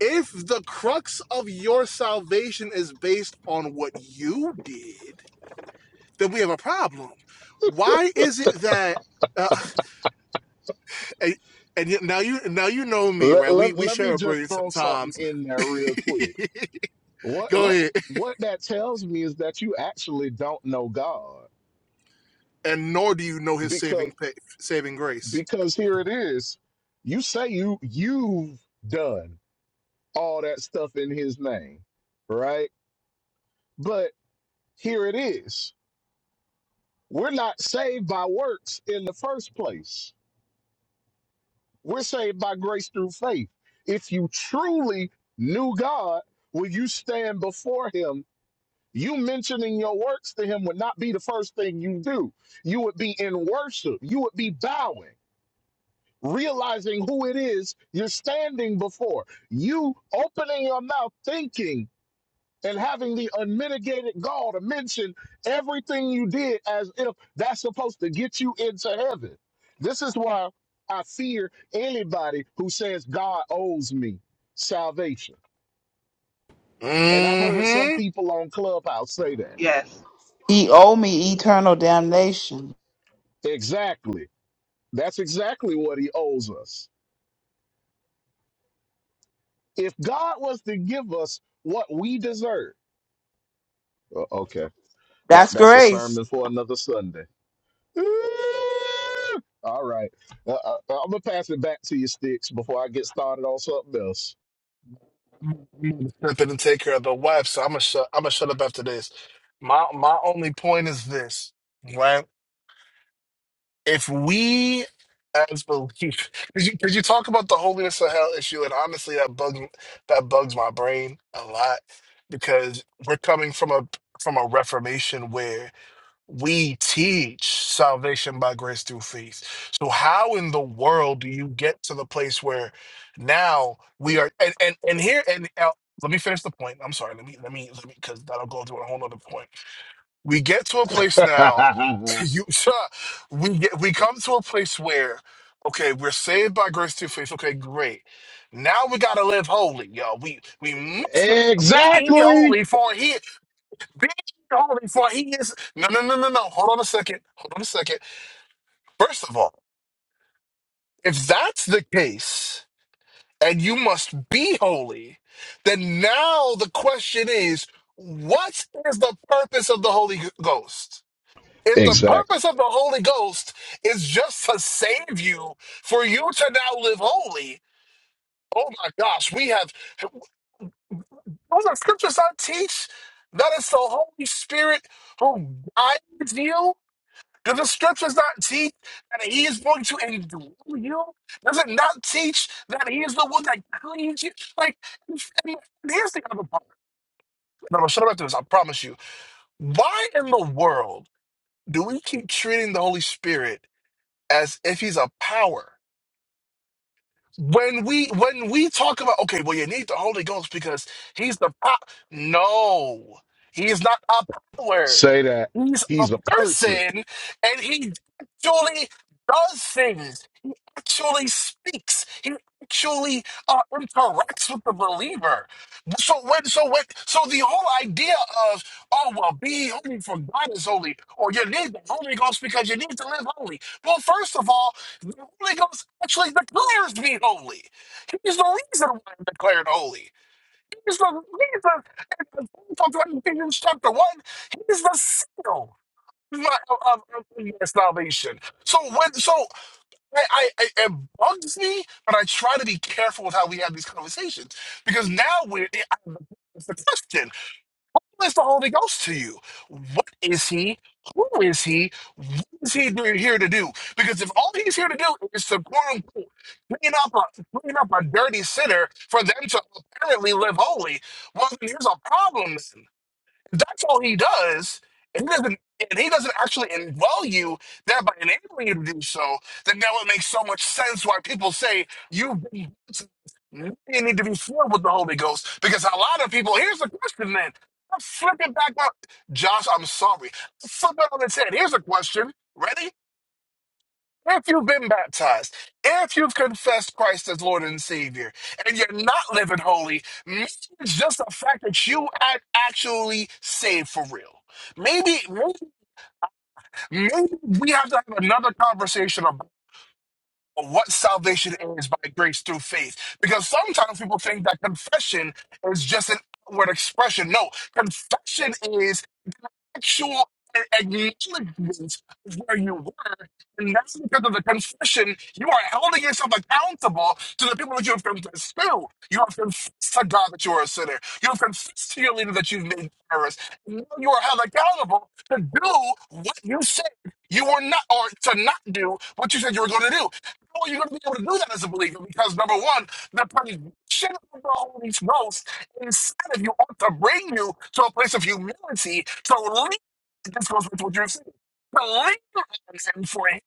Speaker 1: If the crux of your salvation is based on what you did, then we have a problem. Why is it that uh, and, and now you now you know me, right? We
Speaker 2: let,
Speaker 1: we
Speaker 2: let me
Speaker 1: share a
Speaker 2: just
Speaker 1: brain
Speaker 2: throw something
Speaker 1: sometimes.
Speaker 2: in there real quick. What,
Speaker 1: Go
Speaker 2: what,
Speaker 1: ahead.
Speaker 2: what that tells me is that you actually don't know God
Speaker 1: And nor do you know his saving pa- saving grace.
Speaker 2: because here it is. You say you you've done all that stuff in his name, right? But here it is. We're not saved by works in the first place. We're saved by grace through faith. If you truly knew God, when you stand before him, you mentioning your works to him would not be the first thing you do. You would be in worship. You would be bowing. realizing who it is you're standing before. You opening your mouth, thinking and having the unmitigated gall to mention everything you did as if that's supposed to get you into heaven. This is why I fear anybody who says God owes me salvation. And I've heard some
Speaker 1: Mm-hmm.
Speaker 2: people on Clubhouse say that.
Speaker 4: Yes. He owe me eternal damnation.
Speaker 2: Exactly. That's exactly what he owes us. If God was to give us what we deserve, Uh, okay. That
Speaker 4: That's
Speaker 2: that's a
Speaker 4: grace.
Speaker 2: sermon for another Sunday. All right, uh, uh, I'm gonna pass it back to you, sticks, before I get started on something else.
Speaker 1: Step in and take care of the wife. So I'm gonna shut. I'm gonna shut up after this. My my only point is this, right? if we as belief because you, 'cause you talk about the holiness of hell issue and honestly that bugs that bugs my brain a lot because we're coming from a from a reformation where we teach salvation by grace through faith so how in the world do you get to the place where now we are and and, and here and uh, let me finish the point i'm sorry let me let me let me because that'll go through a whole other point we get to a place now you we get we come to a place where okay we're saved by grace through faith okay great now we gotta live holy y'all we we must li- be ye
Speaker 2: exactly,
Speaker 1: holy for he be ye holy for he is no no no no no hold on a second hold on a second first of all if that's the case and you must be holy then now the question is what is the purpose of the holy ghost If the
Speaker 2: exactly.
Speaker 1: purpose of the Holy Ghost is just to save you, for you to now live holy, oh my gosh, we have. Does the scriptures not teach that it's the Holy Spirit who guides you? Does the scriptures not teach that He is going to indwell you? Does it not teach that He is the one that cleans you? Like, and here's the other part. No, no, shut up after this. I promise you. Why in the world do we keep treating the Holy Spirit? as if he's a power. When we when we talk about okay, well you need the Holy Ghost because he's the power. No, he is not a power.
Speaker 2: Say that
Speaker 1: He's a
Speaker 2: he's a person.
Speaker 1: person, and he actually does things actually speaks. He actually uh, interacts with the believer. So when, so when, so the whole idea of oh well, be holy for God is holy, or you need the Holy Ghost because you need to live holy. Well, first of all, the Holy Ghost actually declares me holy. He's the reason why I'm declared holy. He's the reason. In Ephesians chapter one, he's the seal of, of, of of your salvation. So when so I, I, I- it bugs me, but I try to be careful with how we have these conversations because now we're I- it's the question: Who is the Holy Ghost to you? What is he? Who is he? What is he doing here to do? Because if all he's here to do is to quote unquote clean up a clean up a dirty sinner for them to apparently live holy, well, then here's a problem. Then. That's all he does. And he doesn't and he doesn't actually indwell you, that by enabling you to do so, then now it makes so much sense why people say you've been you need to be filled with the Holy Ghost. Because a lot of people, here's the question then. I'm flipping back up. Josh, I'm sorry. Flip it on its head. Here's a question. Ready? If you've been baptized, if you've confessed Christ as Lord and Savior, and you're not living holy, maybe it's just the fact that you aren't actually saved for real. Maybe, maybe, maybe we have to have another conversation about what salvation is by grace through faith. Because sometimes people think that confession is just an outward expression. No, confession is actual acknowledgement of where you were. And now, because of the confession, you are holding yourself accountable to the people that you have confessed to. You have confessed to God that you are a sinner. You have confessed to your leader that you've made errors. And now you are held accountable to do what you said you were not, or to not do what you said you were going to do. How are you going to be able to do that as a believer? Because number one, the permission of the Holy Ghost Instead, of you ought to bring you to a place of humility to lean. This goes with what you're saying. To lean on him for his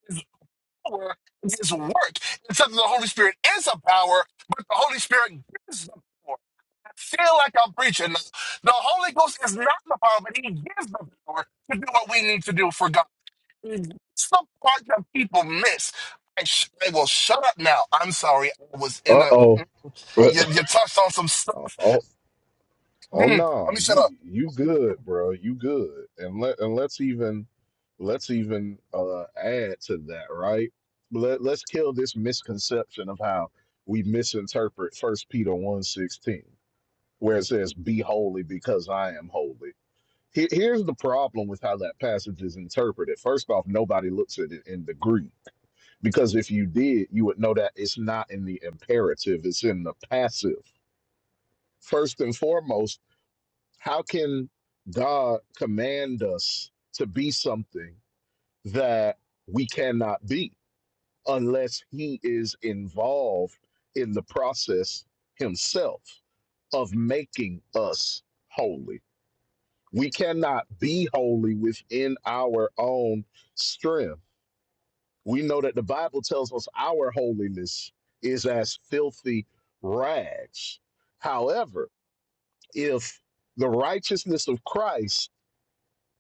Speaker 1: power and his work. It's something the Holy Spirit is a power, but the Holy Spirit gives the power. I feel like I'm preaching. now. The Holy Ghost is not the power, but he gives the power to do what we need to do for God. It's the part that people miss. I, sh- I will shut up now. I'm sorry. I was in
Speaker 2: Uh
Speaker 1: a.
Speaker 2: oh.
Speaker 1: You, you touched on some stuff.
Speaker 2: oh, Oh
Speaker 1: Mm, let
Speaker 2: no,
Speaker 1: me shut
Speaker 2: you
Speaker 1: up.
Speaker 2: you good, bro. You good. And let and let's even let's even uh add to that, right? Let let's kill this misconception of how we misinterpret First Peter one sixteen, where it says, Be holy because I am holy. Here- Here's the problem with how that passage is interpreted. First off, nobody looks at it in the Greek. Because if you did, you would know that it's not in the imperative, it's in the passive. First and foremost, how can God command us to be something that we cannot be unless He is involved in the process Himself of making us holy? We cannot be holy within our own strength. We know that the Bible tells us our holiness is as filthy rags. However, if the righteousness of Christ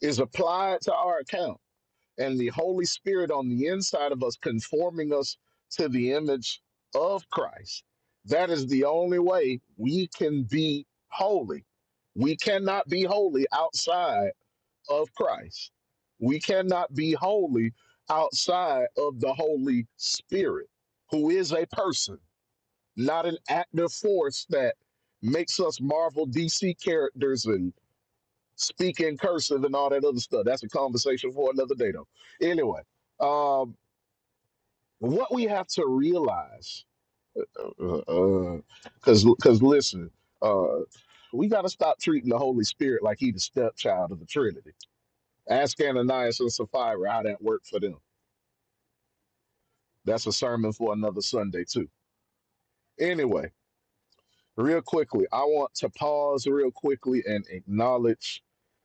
Speaker 2: is applied to our account and the holy spirit on the inside of us conforming us to the image of christ that is the only way we can be holy we cannot be holy outside of christ we cannot be holy outside of the holy spirit who is a person not an active force that makes us marvel dc characters and speak in cursive and all that other stuff. That's a conversation for another day, though. Anyway, um, what we have to realize, because uh, because listen, uh, we got to stop treating the Holy Spirit like he the stepchild of the Trinity. Ask Ananias and Sapphira how that worked for them. That's a sermon for another Sunday too. Anyway, real quickly, I want to pause real quickly and acknowledge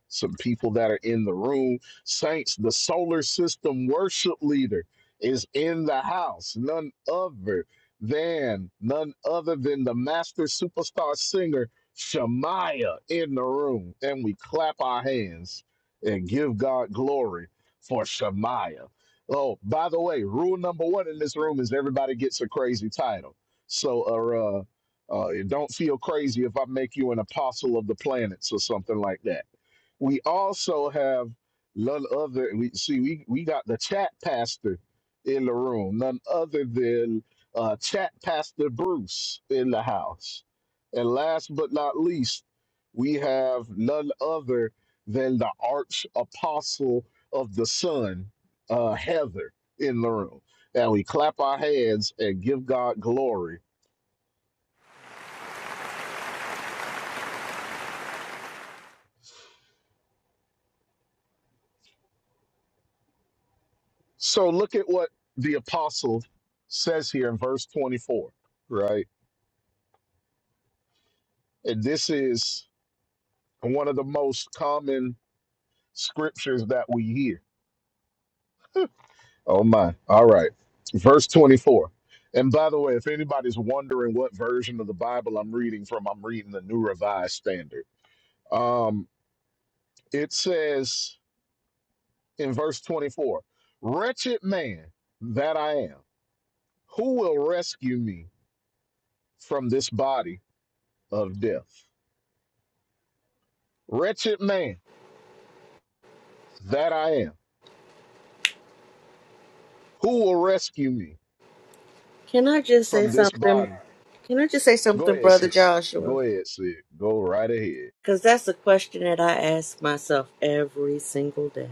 Speaker 2: some people that are in the room. Saints, the solar system worship leader is in the house. None other than none other than the master superstar singer Shemaya in the room. And we clap our hands and give God glory for Shemaya. Oh, by the way, rule number one in this room is everybody gets a crazy title. So, uh. uh uh, it don't feel crazy if I make you an apostle of the planets or something like that. We also have none other. We see we we got the chat pastor in the room, none other than uh, chat pastor Bruce in the house. And last but not least, we have none other than the arch apostle of the sun, uh, Heather, in the room. And we clap our hands and give God glory So look at what the apostle says here in verse 24, right? And this is one of the most common scriptures that we hear. Oh my. All right. Verse 24. And by the way, if anybody's wondering what version of the Bible I'm reading from, I'm reading the New Revised Standard. Um, it says in verse 24, Wretched man that I am, who will rescue me from this body of death? Wretched man That I am. Who will rescue me
Speaker 5: Can I just say
Speaker 2: from this
Speaker 5: something?
Speaker 2: body?
Speaker 5: Can I just say
Speaker 2: Go
Speaker 5: something,
Speaker 2: ahead,
Speaker 5: Brother
Speaker 2: Sid.
Speaker 5: Joshua?
Speaker 2: Go ahead, Sid. Go right ahead.
Speaker 5: Because that's the question that I ask myself every single day.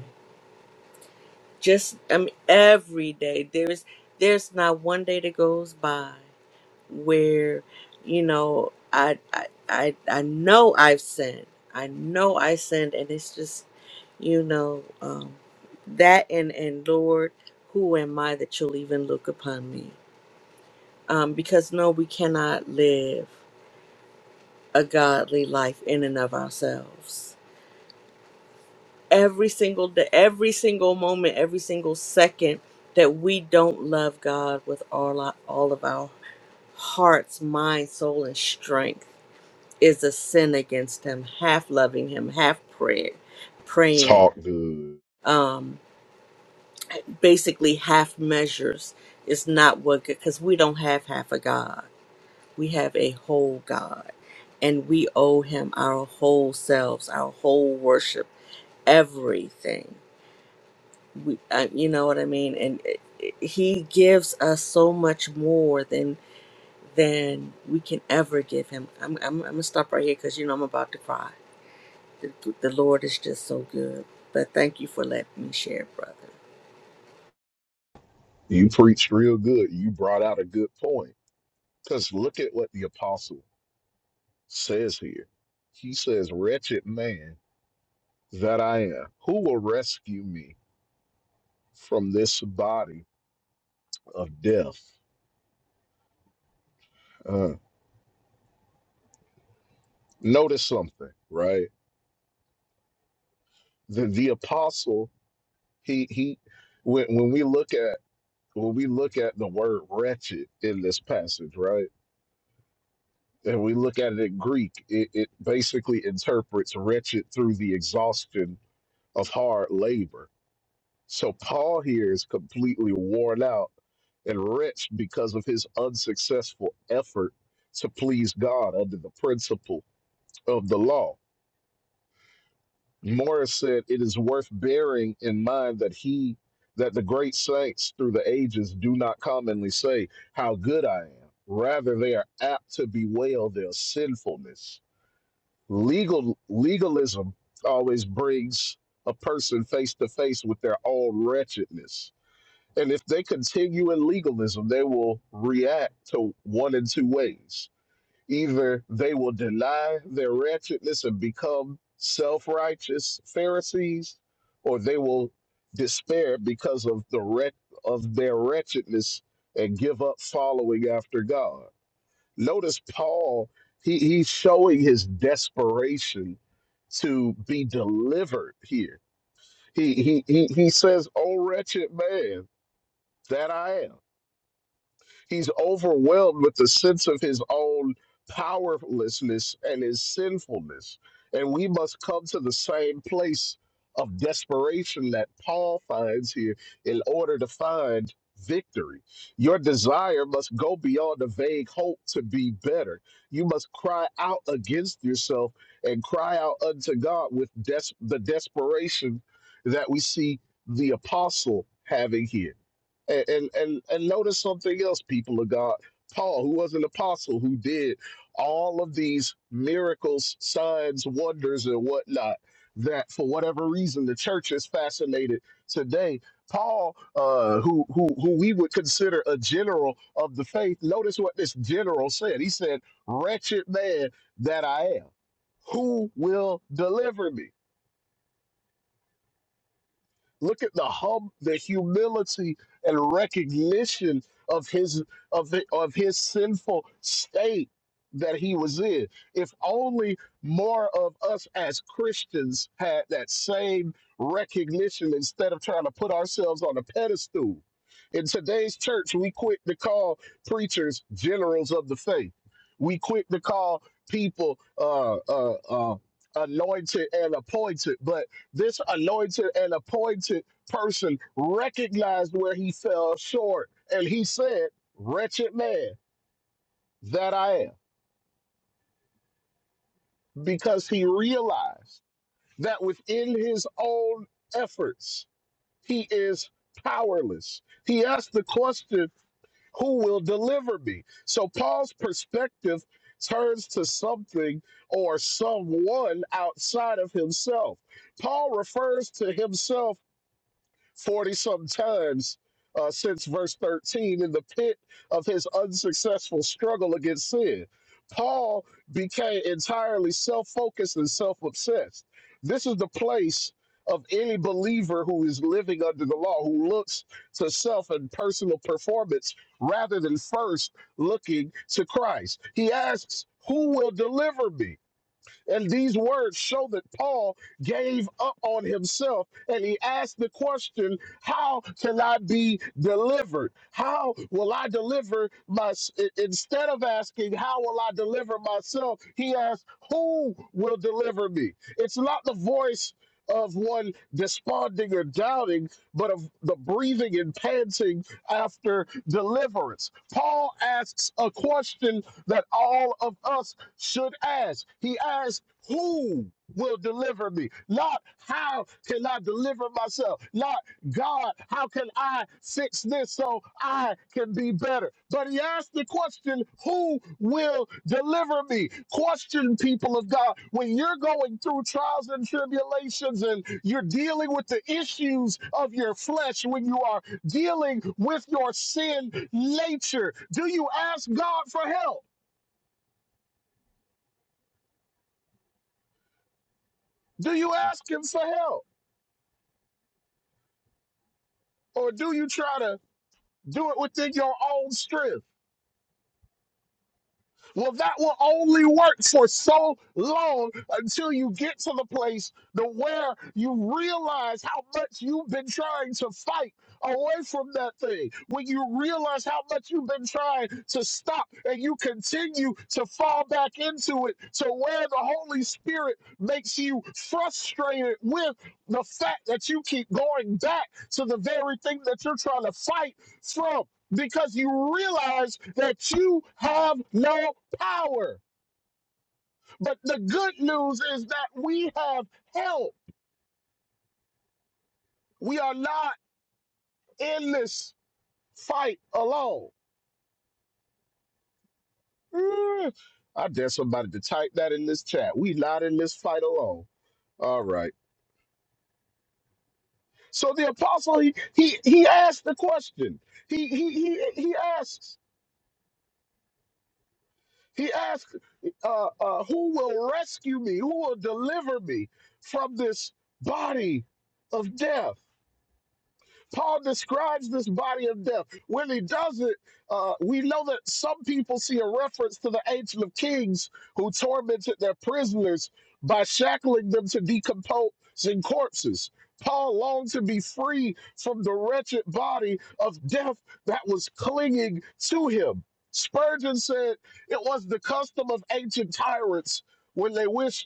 Speaker 5: Just, I mean, every day. There's, there's not one day that goes by where, you know, I, I, I, I know I've sinned. I know I sinned, and it's just, you know, um, that and and Lord, who am I that you'll even look upon me? Um, because no, we cannot live. a godly life in and of ourselves. Every single day, every single moment, every single second that we don't love God with all our, all of our hearts, mind, soul, and strength is a sin against Him. Half loving Him, half prayer, praying,
Speaker 2: Talk good.
Speaker 5: um, basically half measures is not what because we don't have half a God. We have a whole God, and we owe Him our whole selves, our whole worship, everything. We, uh, you know what I mean? And it, it- He gives us so much more than than we can ever give Him. I'm I'm, I'm gonna stop right here because you know I'm about to cry. The, the Lord is just so good. But thank you for letting me share, brother.
Speaker 2: You preached real good. You brought out a good point. Because look at what the apostle says here. He says, Wretched man that I am, who will rescue me from this body of death? Uh, notice something, right? The, the apostle, he, he, when, when we look at when we look at the word wretched in this passage, right? And we look at it in Greek, it, it basically interprets wretched through the exhaustion of hard labor. So Paul here is completely worn out and wretched because of his unsuccessful effort to please God under the principle of the law Morris said, It is worth bearing in mind that he that the great saints through the ages do not commonly say how good I am. Rather, they are apt to bewail their sinfulness. Legal legalism always brings a person face to face with their own wretchedness. And if they continue in legalism, they will react to one in two ways. Either they will deny their wretchedness and become self righteous Pharisees, or they will despair because of the wreck of their wretchedness and give up following after God. Notice Paul, he, he's showing his desperation to be delivered here. He, he, he, he says, "O wretched man that I am. He's overwhelmed with the sense of his own powerlessness and his sinfulness. And we must come to the same place of desperation that Paul finds here in order to find victory. Your desire must go beyond the vague hope to be better. You must cry out against yourself and cry out unto God with des- the desperation that we see the apostle having here. And, and and and notice something else, people of God. Paul, who was an apostle, who did all of these miracles, signs, wonders, and whatnot, that for whatever reason the church is fascinated today. Paul, uh, who who who we would consider a general of the faith, notice what this general said. He said, "Wretched man that I am, who will deliver me?" Look at the hum, the humility and recognition of his of hi- of his sinful state that he was in. If only more of us as Christians had that same recognition instead of trying to put ourselves on a pedestal. In today's church, we quit to call preachers generals of the faith. We quit to call people uh, uh, uh, anointed and appointed, but this anointed and appointed person recognized where he fell short, and he said, Wretched man that I am, because he realized that within his own efforts, he is powerless. He asked the question, Who will deliver me? So Paul's perspective turns to something or someone outside of himself. Paul refers to himself 40 something times uh, since verse 13 in the pit of his unsuccessful struggle against sin. Paul became entirely self focused and self obsessed. This is the place of any believer who is living under the law, who looks to self and personal performance rather than first looking to Christ. He asks, Who will deliver me? And these words show that Paul gave up on himself and he asked the question, How can I be delivered? How will I deliver my i- instead of asking, How will I deliver myself? He asked, Who will deliver me? It's not the voice of one desponding or doubting, but of the breathing and panting after deliverance. Paul asks a question that all of us should ask. He asked, Who will deliver me? Not how can I deliver myself? Not God, how can I fix this so I can be better? But he asked the question, Who will deliver me? Question, people of God, when you're going through trials and tribulations and you're dealing with the issues of your flesh, when you are dealing with your sin nature, do you ask God for help? Do you ask him for help? Or do you try to do it within your own strength? Well, that will only work for so long until you get to the place to where you realize how much you've been trying to fight away from that thing. When you realize how much you've been trying to stop and you continue to fall back into it to where the Holy Spirit makes you frustrated with the fact that you keep going back to the very thing that you're trying to fight from because you realize that you have no power. But the good news is that we have help. We are not in this fight alone. Mm, I dare somebody to type that in this chat. We not in this fight alone. All right. So the apostle he he he asked the question. He he he he asks. He asks, uh, uh, "Who will rescue me? Who will deliver me from this body of death?" Paul describes this body of death. When he does it, uh, we know that some people see a reference to the Ancient of Kings who tormented their prisoners by shackling them to decomposing corpses. Paul longed to be free from the wretched body of death that was clinging to him. Spurgeon said it was the custom of ancient tyrants when they wished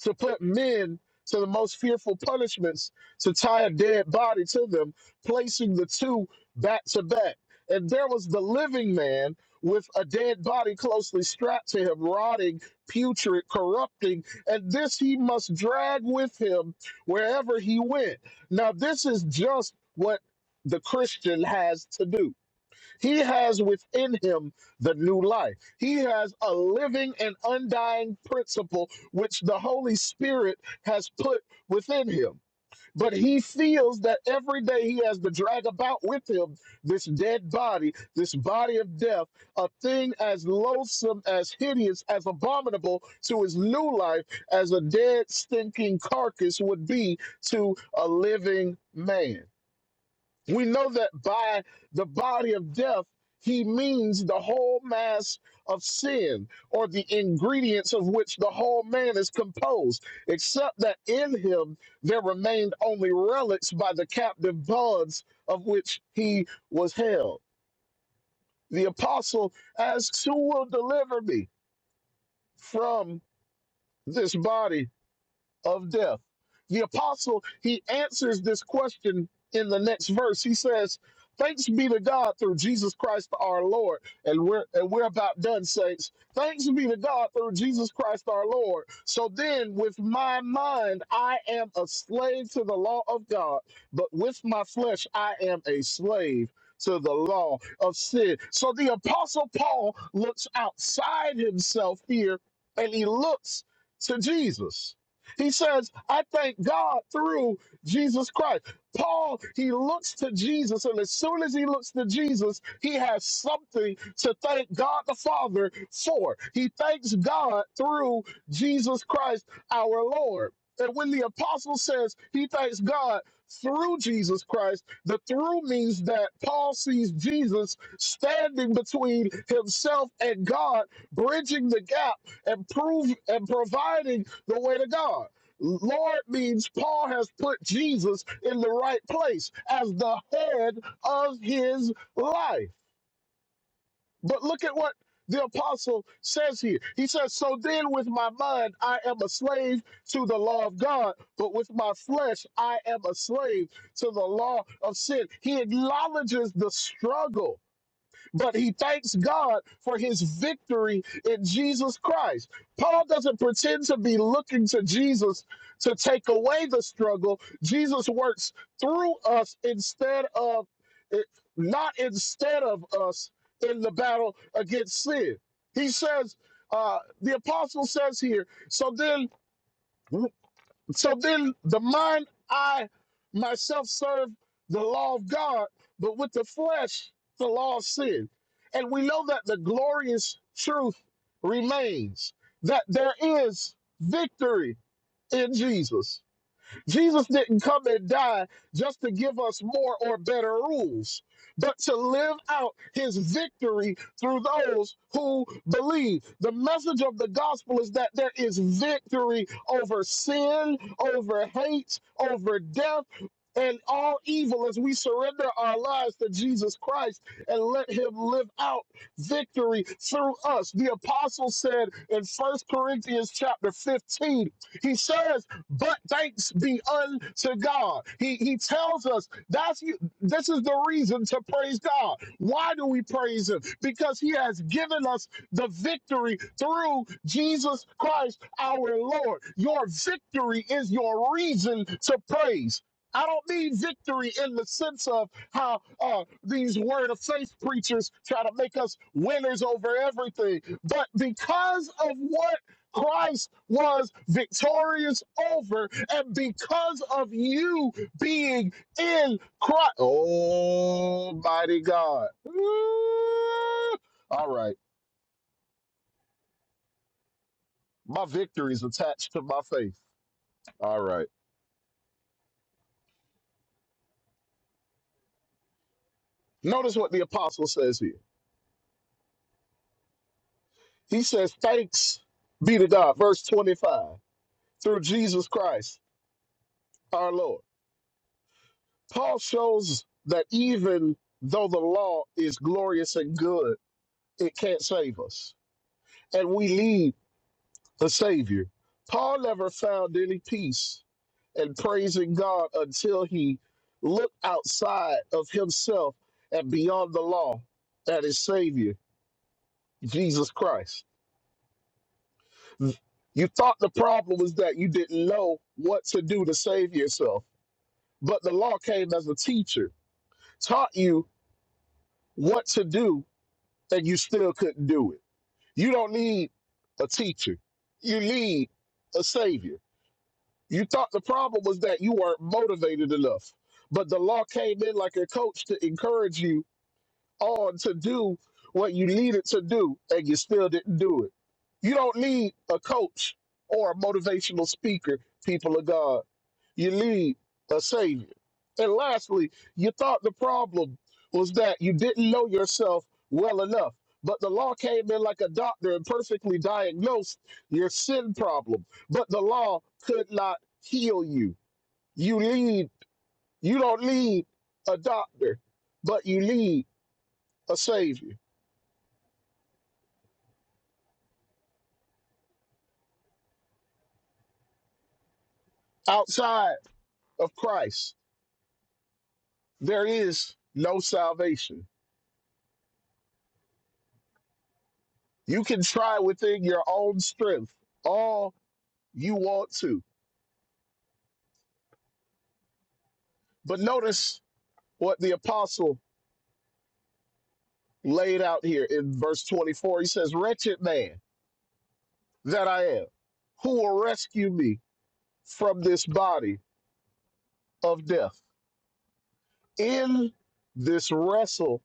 Speaker 2: to put men to the most fearful punishments, to tie a dead body to them, placing the two back to back. And there was the living man with a dead body closely strapped to him, rotting, putrid, corrupting, and this he must drag with him wherever he went. Now, this is just what the Christian has to do he has within him the new life. He has a living and undying principle which the Holy Spirit has put within him. But he feels that every day he has to drag about with him this dead body, this body of death, a thing as loathsome, as hideous, as abominable to his new life as a dead, stinking carcass would be to a living man. We know that by the body of death, he means the whole mass of sin, or the ingredients of which the whole man is composed, except that in him there remained only relics by the captive bonds of which he was held. The apostle asks, Who will deliver me from this body of death. The apostle, he answers this question in the next verse. He says, Thanks be to God through Jesus Christ our Lord. And we're and we're about done, saints. Thanks be to God through Jesus Christ our Lord. So then with my mind I am a slave to the law of God, but with my flesh I am a slave to the law of sin. So the apostle Paul looks outside himself here and he looks to Jesus he says, I thank God through Jesus Christ. Paul, he looks to Jesus, and as soon as he looks to Jesus, he has something to thank God the Father for. He thanks God through Jesus Christ our Lord. And when the apostle says he thanks God through Jesus Christ, the through means that Paul sees Jesus standing between himself and God, bridging the gap and prove and providing the way to God. Lord means Paul has put Jesus in the right place as the head of his life. But look at what the apostle says here. He says, So then with my mind I am a slave to the law of God, but with my flesh I am a slave to the law of sin. He acknowledges the struggle but he thanks God for his victory in Jesus Christ. Paul doesn't pretend to be looking to Jesus to take away the struggle. Jesus works through us instead of, not instead of us in the battle against sin. He says, uh, the apostle says here, so then. So then the mind, I myself serve the law of God, but with the flesh, the law of sin. And we know that the glorious truth remains that there is victory in Jesus. Jesus didn't come and die just to give us more or better rules, but to live out his victory through those who believe. The message of the gospel is that there is victory over sin, over hate, over death. And all evil as we surrender our lives to Jesus Christ and let Him live out victory through us. The apostle said in First Corinthians chapter 15, he says, but thanks be unto God. He he tells us that's you. This is the reason to praise God. Why do we praise Him? Because He has given us the victory through Jesus Christ our Lord. Your victory is your reason to praise. I don't mean victory in the sense of how uh, these word of faith preachers try to make us winners over everything, but because of what Christ was victorious over, and because of you being in Christ, Almighty God. Ooh. All right, my victory is attached to my faith. All right, notice what the apostle says here. He says, Thanks be to God, verse 25, through Jesus Christ our Lord. Paul shows that even though the law is glorious and good, it can't save us and we need a savior. Paul never found any peace in praising God until he looked outside of himself and beyond the law at his Savior, Jesus Christ. You thought the problem was that you didn't know what to do to save yourself, but the law came as a teacher, taught you what to do, and you still couldn't do it. You don't need a teacher, you need a Savior. You thought the problem was that you weren't motivated enough, but the law came in like a coach to encourage you on to do what you needed to do, and you still didn't do it. You don't need a coach or a motivational speaker, people of God. You need a savior. And lastly, you thought the problem was that you didn't know yourself well enough. But the law came in like a doctor and perfectly diagnosed your sin problem. But the law could not heal you. You need you don't need a doctor, but you need a savior. Outside of Christ, there is no salvation. You can try within your own strength all you want to But notice what the apostle laid out here in verse 24. He says, Wretched man that I am, who will rescue me from this body of death? In this wrestle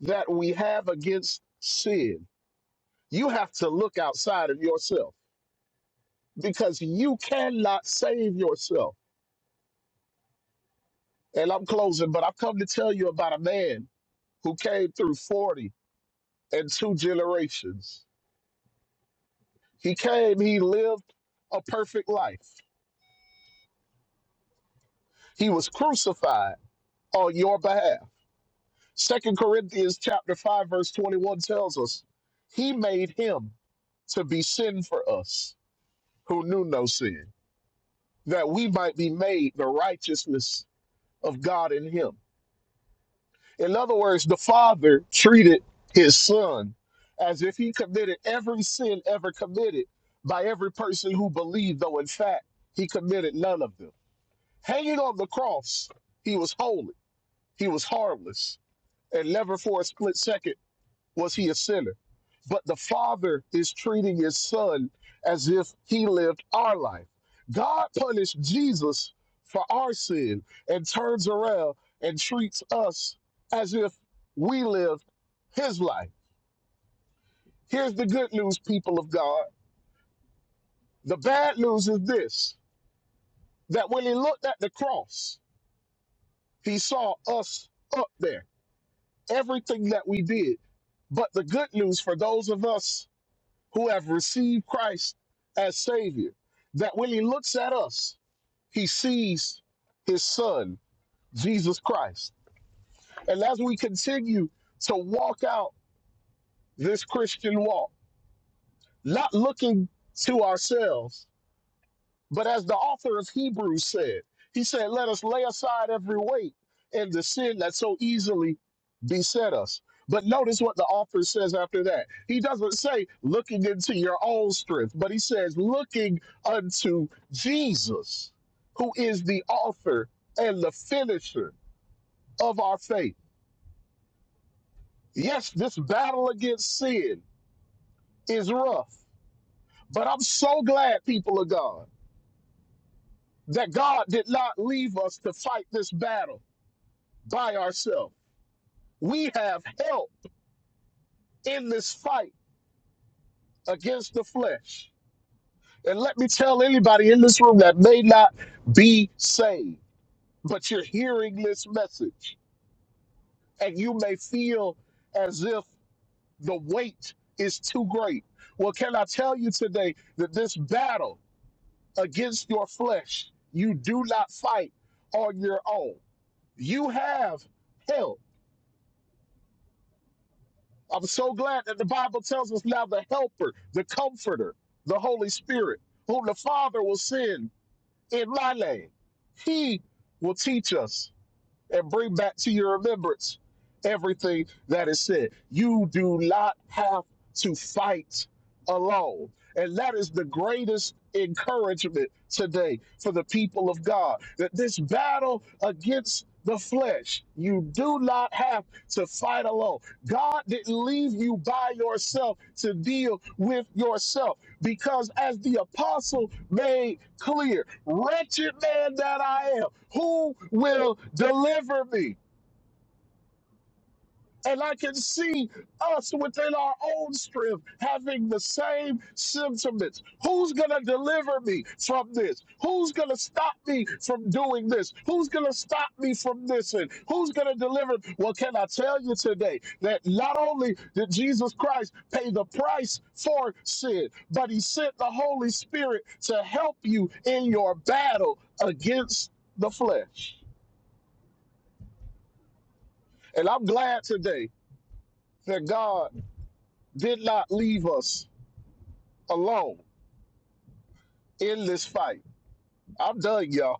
Speaker 2: that we have against sin, you have to look outside of yourself because you cannot save yourself. And I'm closing, but I've come to tell you about a man who came through 40 and two generations. He came, he lived a perfect life. He was crucified on your behalf. Second Corinthians chapter 5 verse 21 tells us he made him to be sin for us who knew no sin, that we might be made the righteousness of God in him. In other words, the Father treated his son as if he committed every sin ever committed by every person who believed, though in fact he committed none of them. Hanging on the cross, he was holy, he was harmless. and never for a split second was he a sinner. But the Father is treating his son as if he lived our life. God punished Jesus for our sin and turns around and treats us as if we lived his life. Here's the good news, people of God. The bad news is this that when he looked at the cross, he saw us up there, everything that we did. But the good news for those of us who have received Christ as Savior, that when He looks at us, He sees His Son, Jesus Christ. And as we continue to walk out this Christian walk, not looking to ourselves, But as the author of Hebrews said, he said, Let us lay aside every weight and the sin that so easily beset us. But notice what the author says after that. He doesn't say looking into your own strength, but he says looking unto Jesus, who is the author and the finisher of our faith. Yes, this battle against sin is rough, but I'm so glad, people of God, that God did not leave us to fight this battle by ourselves. We have help in this fight against the flesh. And let me tell anybody in this room that may not be saved, but you're hearing this message and you may feel as if the weight is too great. Well, can I tell you today that this battle against your flesh, you do not fight on your own. You have help I'm so glad that the Bible tells us now the helper, the comforter, the Holy Spirit, whom the Father will send in my name. He will teach us and bring back to your remembrance everything that is said. You do not have to fight alone. And that is the greatest encouragement today for the people of God that this battle against the flesh, you do not have to fight alone. God didn't leave you by yourself to deal with yourself. Because as the apostle made clear, wretched man that I am, who will deliver me? And I can see us within our own strength having the same sentiments. Who's going to deliver me from this? Who's going to stop me from doing this? Who's going to stop me from this? And who's going to deliver? Well, can I tell you today that not only did Jesus Christ pay the price for sin, but he sent the Holy Spirit to help you in your battle against the flesh. And I'm glad today that God did not leave us alone in this fight. I'm done, y'all.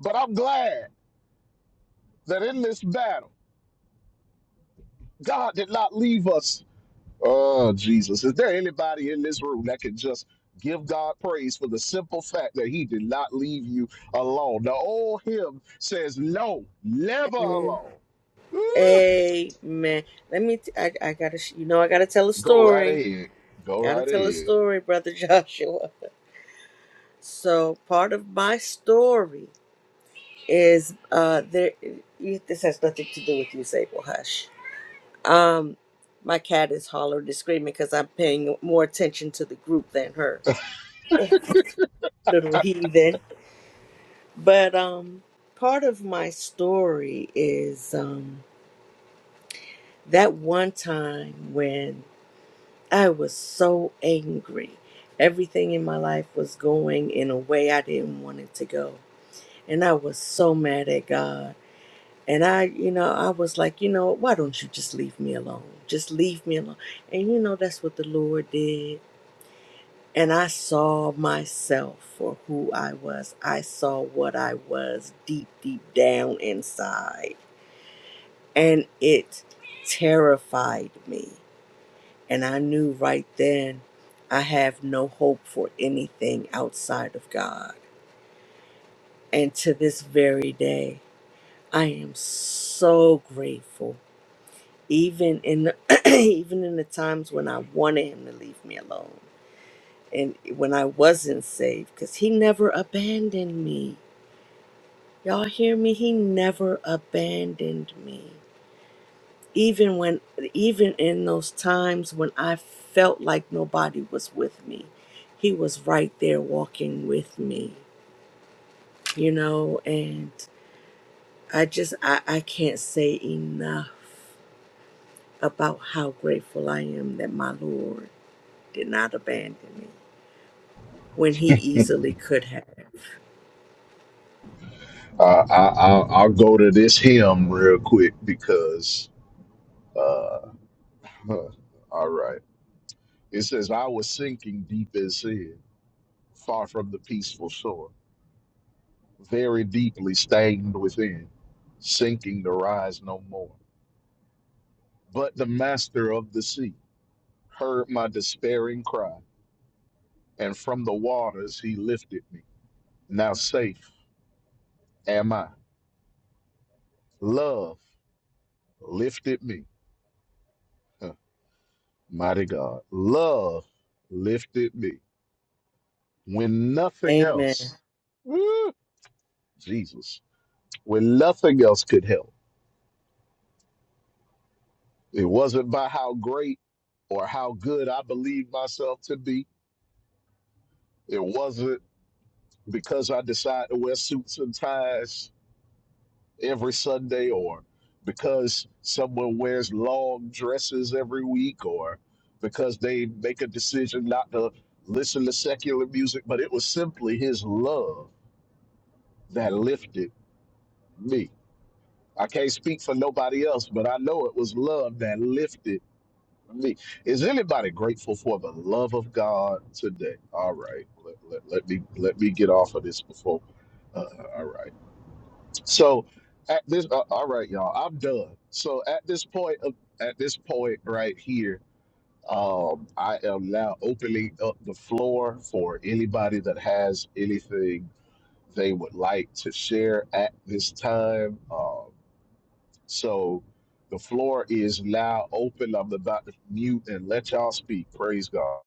Speaker 2: But I'm glad that in this battle, God did not leave us. Oh, Jesus. Is there anybody in this room that can just give God praise for the simple fact that He did not leave you alone? The old hymn says, No, never
Speaker 5: Mm.
Speaker 2: alone. Ooh,
Speaker 5: Amen. Let me. T- I, I gotta. sh- You know, I gotta tell a
Speaker 2: Go right
Speaker 5: story.
Speaker 2: ahead. Go
Speaker 5: Gotta
Speaker 2: right
Speaker 5: tell a
Speaker 2: ahead.
Speaker 5: story, brother Joshua. So part of my story is uh, there. You, this has nothing to do with you, Sable. Hush. Um, my cat is hollering and screaming because I'm paying more attention to the group than her, little heathen. But um, part of my story is um, that one time when I was so angry. Everything in my life was going in a way I didn't want it to go. And I was so mad at God And I, you know, I was like, you know, why don't you just leave me alone? Just leave me alone. And you know, that's what the Lord did. And I saw myself for who I was. I saw what I was deep, deep down inside. And it terrified me. And I knew right then I have no hope for anything outside of God. And to this very day, I am so grateful even in the, even in the times when I wanted him to leave me alone and when I wasn't saved because he never abandoned me. Y'all hear me? He never abandoned me. Even when even in those times when I felt like nobody was with me, he was right there walking with me. You know, and I just I, I can't say enough about how grateful I am that my Lord did not abandon me when he easily could have.
Speaker 2: Uh, I, I, I'll go to this hymn real quick because, uh, huh, all right. It says, I was sinking deep as sin, far from the peaceful shore, very deeply stained within, sinking to rise no more. But the master of the sea heard my despairing cry, and from the waters he lifted me. Now safe am I. Love lifted me. Huh, Mighty God. Love lifted me. When nothing
Speaker 5: Amen.
Speaker 2: else, woo, Jesus, when nothing else could help It wasn't by how great or how good I believed myself to be. It wasn't because I decided to wear suits and ties every Sunday or because someone wears long dresses every week or because they make a decision not to listen to secular music, but it was simply his love that lifted me. I can't speak for nobody else, but I know it was love that lifted me. Is anybody grateful for the love of God today? All right, let, let, let me let me get off of this before. Uh, all right, so at this, uh, all right, y'all, I'm done. So at this point, of, at this point right here, um, I am now opening up the floor for anybody that has anything they would like to share at this time. Um, so the floor is now open. I'm about to mute and let y'all speak. Praise God.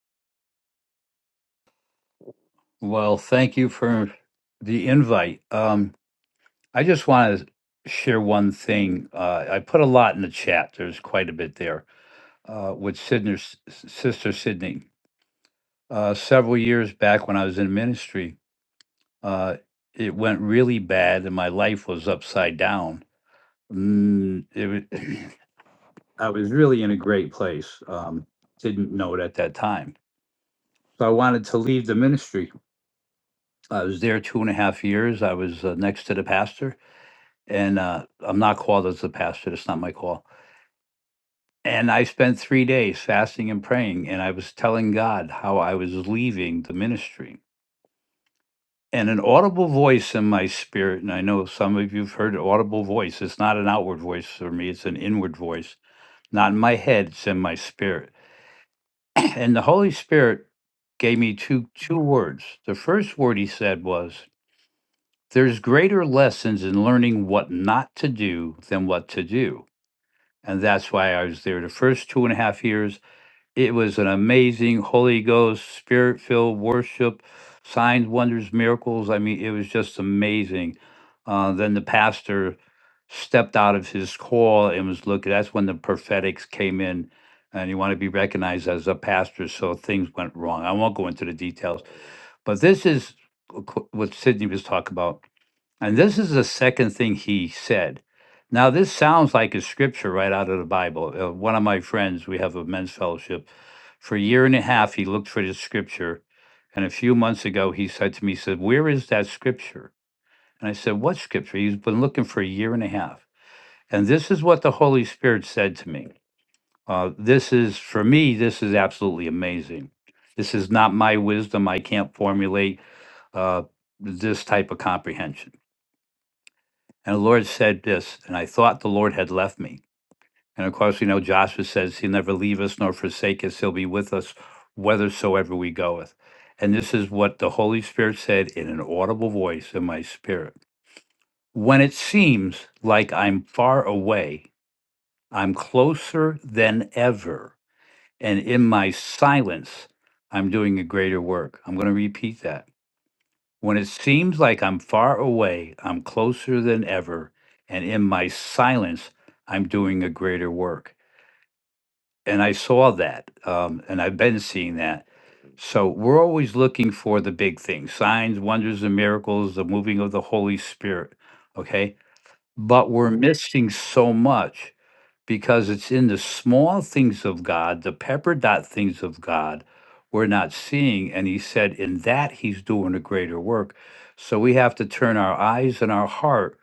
Speaker 7: Well, thank you for the invite. Um, I just want to share one thing. Uh, I put a lot in the chat. There's quite a bit there uh, with Sidner's sister Sydney. Uh, several years back, when I was in ministry, uh, it went really bad, and my life was upside down. Mm, it was, I was really in a great place. Um, didn't know it at that time, so I wanted to leave the ministry. I was there two and a half years. I was uh, next to the pastor and uh, I'm not called as a pastor. It's not my call. And I spent three days fasting and praying, and I was telling God how I was leaving the ministry. And an audible voice in my spirit, and I know some of you've heard audible voice. It's not an outward voice for me; it's an inward voice. Not in my head; it's in my spirit. And the Holy Spirit gave me two two words. The first word He said was, "There's greater lessons in learning what not to do than what to do." And that's why I was there the first two and a half years. It was an amazing Holy Ghost, spirit filled worship, signs, wonders, miracles. I mean, it was just amazing. Uh, then the pastor stepped out of his call and was looking. That's when the prophetics came in, and you want to be recognized as a pastor. So things went wrong. I won't go into the details, but this is qu- what Sydney was talking about and this is the second thing he said. Now, this sounds like a scripture right out of the Bible. Uh, one of my friends, we have a men's fellowship. For a year and a half, he looked for this scripture. And a few months ago, he said to me, he said, Where is that scripture? And I said, What scripture? He's been looking for a year and a half. And this is what the Holy Spirit said to me. Uh, this is, for me, this is absolutely amazing. This is not my wisdom. I can't formulate uh, this type of comprehension. And the Lord said this, and I thought the Lord had left me. And of course, we know Joshua says he'll never leave us nor forsake us. He'll be with us whithersoever we goeth. And this is what the Holy Spirit said in an audible voice in my spirit. When it seems like I'm far away, I'm closer than ever. And in my silence, I'm doing a greater work. I'm going to repeat that when it seems like I'm far away, I'm closer than ever, and in my silence, I'm doing a greater work. And I saw that, um, and I've been seeing that. So we're always looking for the big things signs, wonders, and miracles, the moving of the Holy Spirit. Okay. But we're missing so much because it's in the small things of God, the pepper dot things of God, we're not seeing. And he said, in that he's doing a greater work. So we have to turn our eyes and our heart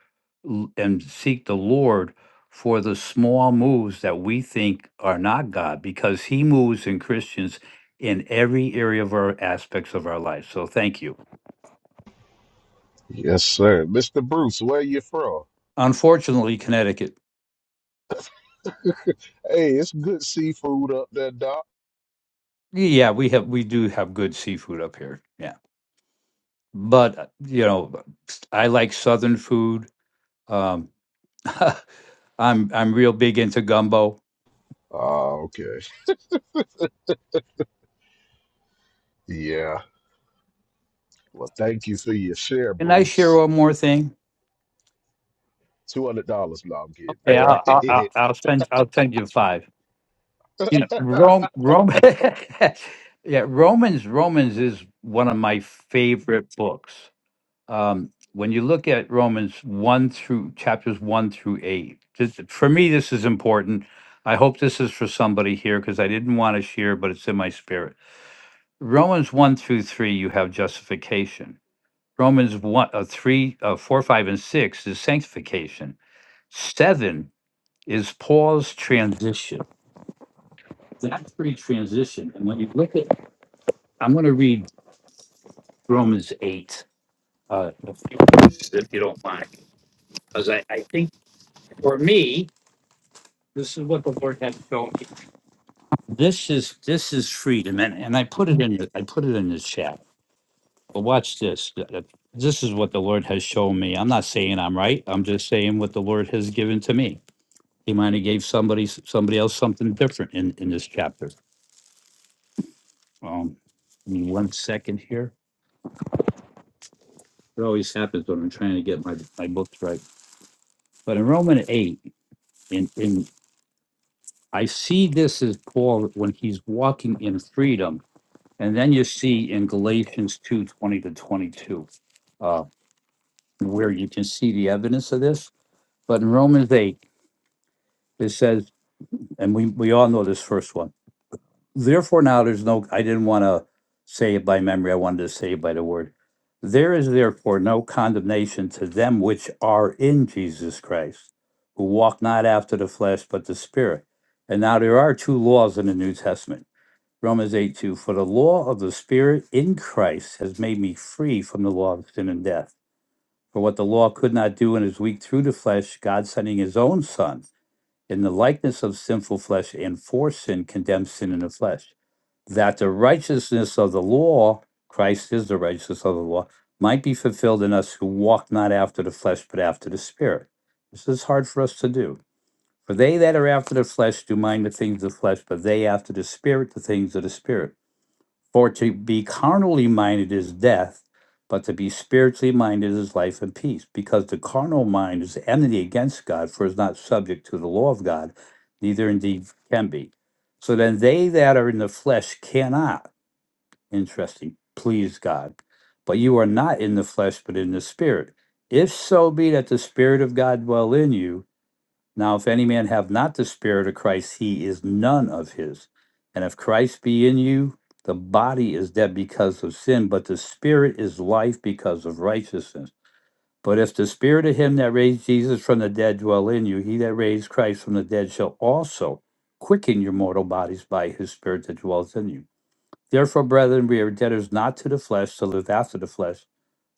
Speaker 7: l- and seek the Lord for the small moves that we think are not God, because he moves in Christians in every area of our aspects of our life. So thank you.
Speaker 2: Yes, sir. Mr. Bruce, where you from?
Speaker 7: Unfortunately, Connecticut,
Speaker 2: Hey, it's good seafood up there, Doc.
Speaker 7: yeah, we have we do have good seafood up here. Yeah. but you know, I like Southern food. Um, I'm I'm real big into gumbo.
Speaker 2: Oh, okay. Yeah. Well, thank you for your share,
Speaker 7: Can I share
Speaker 2: Bruce.
Speaker 7: one more thing?
Speaker 2: Two hundred dollars. No, I'm kidding.
Speaker 7: Okay,
Speaker 2: Go right
Speaker 7: I'll I'll, I'll
Speaker 2: ahead.
Speaker 7: I'll send I'll send you five. You know, Rome Rome. yeah, Romans Romans is one of my favorite books. Um, when you look at Romans one through chapters one through eight, this, for me this is important. I hope this is for somebody here because I didn't want to share, but it's in my spirit Romans one through three, you have justification. Romans one, uh, three, uh, four, five, and six is sanctification. Seven is Paul's transition. That's pretty transition. And when you look at, I'm going to read Romans eight, uh, if you if you don't mind, because I, I think for me, this is what the Lord had shown me. This is this is freedom, and and I put it in the I put it in the chat But watch this. th- th- This is what the Lord has shown me. I'm not saying I'm right. I'm just saying what the Lord has given to me. He might have gave somebody s- somebody else something different in in this chapter. Um, give me one second here. It always happens when I'm trying to get my my books right. But in Romans eight, in in I see this as Paul when he's walking in freedom, and then you see in Galatians two twenty to twenty two, uh, where you can see the evidence of this. But in Romans eight, it says and we, we all know this first one. Therefore, now there's no, I didn't want to say it by memory. I wanted to say it by the word. There is therefore no condemnation to them which are in Jesus Christ, who walk not after the flesh, but the Spirit. And now there are two laws in the New Testament Romans 8 2. For the law of the Spirit in Christ has made me free from the law of sin and death. For what the law could not do in his weak through the flesh, God sending his own Son in the likeness of sinful flesh and for sin condemns sin in the flesh, that the righteousness of the law, Christ is the righteousness of the law, might be fulfilled in us who walk not after the flesh, but after the Spirit. This is hard for us to do. For they that are after the flesh do mind the things of the flesh, but they after the Spirit the things of the Spirit. For to be carnally minded is death, but to be spiritually minded is life and peace. Because the carnal mind is enmity against God, for it is not subject to the law of God, neither indeed can be. So then they that are in the flesh cannot, interesting, please God. But you are not in the flesh, but in the spirit. If so be that the spirit of God dwell in you, now, if any man have not the Spirit of Christ, he is none of his. And if Christ be in you, the body is dead because of sin, but the Spirit is life because of righteousness. But if the Spirit of him that raised Jesus from the dead dwell in you, he that raised Christ from the dead shall also quicken your mortal bodies by his Spirit that dwells in you. Therefore, brethren, we are debtors not to the flesh to live after the flesh.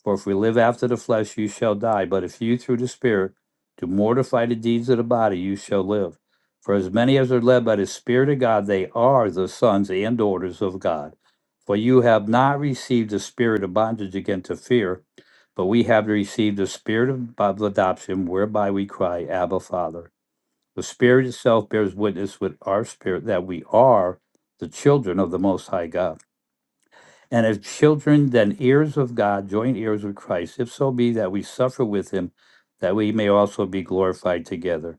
Speaker 7: For if we live after the flesh, you shall die. But if you through the Spirit do mortify the deeds of the body, you shall live. For as many as are led by the Spirit of God, they are the sons and daughters of God. For you have not received the spirit of bondage again to fear, but we have received the spirit of of adoption, whereby we cry, Abba, Father. The Spirit itself bears witness with our spirit that we are the children of the Most High God. And if children, then heirs of God, joint heirs with Christ, if so be that we suffer with him, that we may also be glorified together.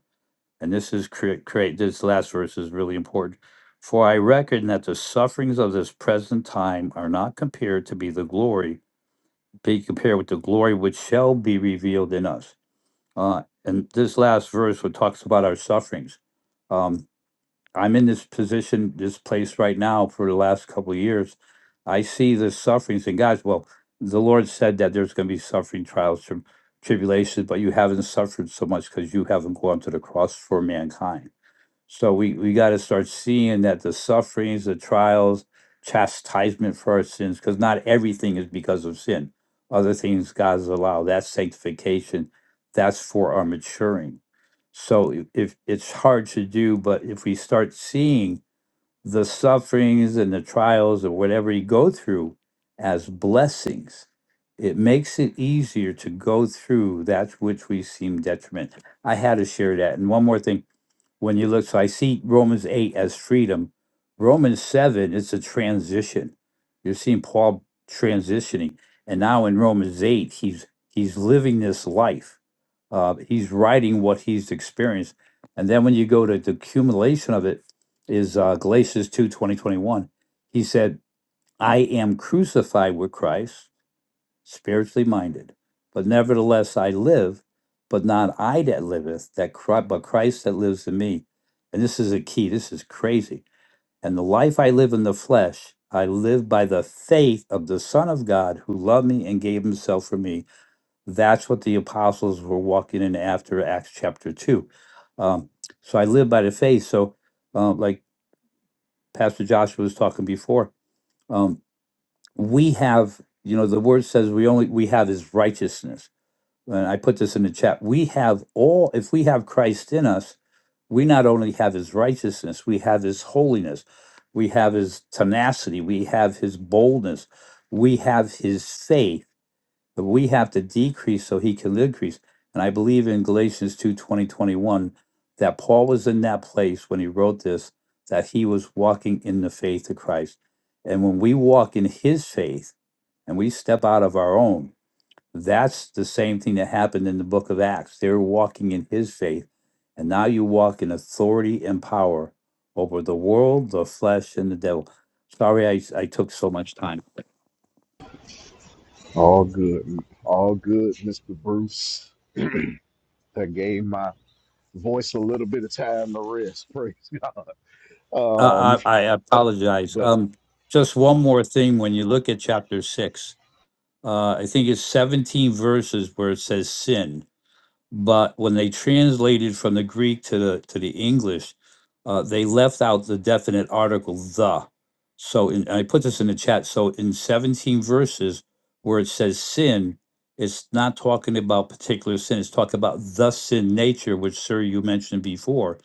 Speaker 7: And this is create, create this last verse is really important. For I reckon that the sufferings of this present time are not compared to be the glory, be compared with the glory which shall be revealed in us. Uh, and this last verse, what talks about our sufferings. um, I'm in this position, this place right now for the last couple of years. I see the sufferings and guys, well, the Lord said that there's going to be suffering, trials, tri- tribulations, but you haven't suffered so much because you haven't gone to the cross for mankind so we, we got to start seeing that the sufferings, the trials, chastisement for our sins, because not everything is because of sin. Other things God has allowed. That's sanctification. That's for our maturing. So i- if it's hard to do, but if we start seeing the sufferings and the trials or whatever you go through as blessings, it makes it easier to go through that which we seem detriment. I had to share that. And one more thing when you look, so I see Romans 8 as freedom. Romans 7 it's a transition. You're seeing Paul transitioning. And now in Romans 8, he's he's living this life. Uh, he's writing what he's experienced. And then when you go to the accumulation of it is uh, Galatians 2 20 21. He said, I am crucified with Christ spiritually minded. But nevertheless, I live, but not I that liveth, that Christ, but Christ that lives in me. And this is a key. This is crazy. And the life I live in the flesh, I live by the faith of the Son of God who loved me and gave himself for me. That's what the apostles were walking in after Acts chapter 2. Um, so I live by the faith. So, uh, like Pastor Joshua was talking before, um, we have, you know, the word says we only, we have his righteousness and I put this in the chat, we have all, if we have Christ in us, we not only have his righteousness, we have his holiness, we have his tenacity, we have his boldness, we have his faith, but we have to decrease so he can increase. And I believe in Galatians 2 20 21 that Paul was in that place when he wrote this, that he was walking in the faith of Christ. And when we walk in his faith and we step out of our own, that's the same thing that happened in the book of Acts. They were walking in his faith, and now you walk in authority and power over the world, the flesh, and the devil. Sorry, I, I took so much time.
Speaker 2: All good. All good, Mr. Bruce. That gave my voice a little bit of time to rest. Praise. God. Um,
Speaker 7: Uh, I, I apologize.
Speaker 2: but
Speaker 7: Um, just one more thing when you look at chapter six, uh, I think it's 17 verses where it says sin. but when they translated from the Greek to the to the English, uh, they left out the definite article the. So in, I put this in the chat. So in 17 verses where it says sin, it's not talking about particular sin. It's talking about the sin nature, which sir you mentioned before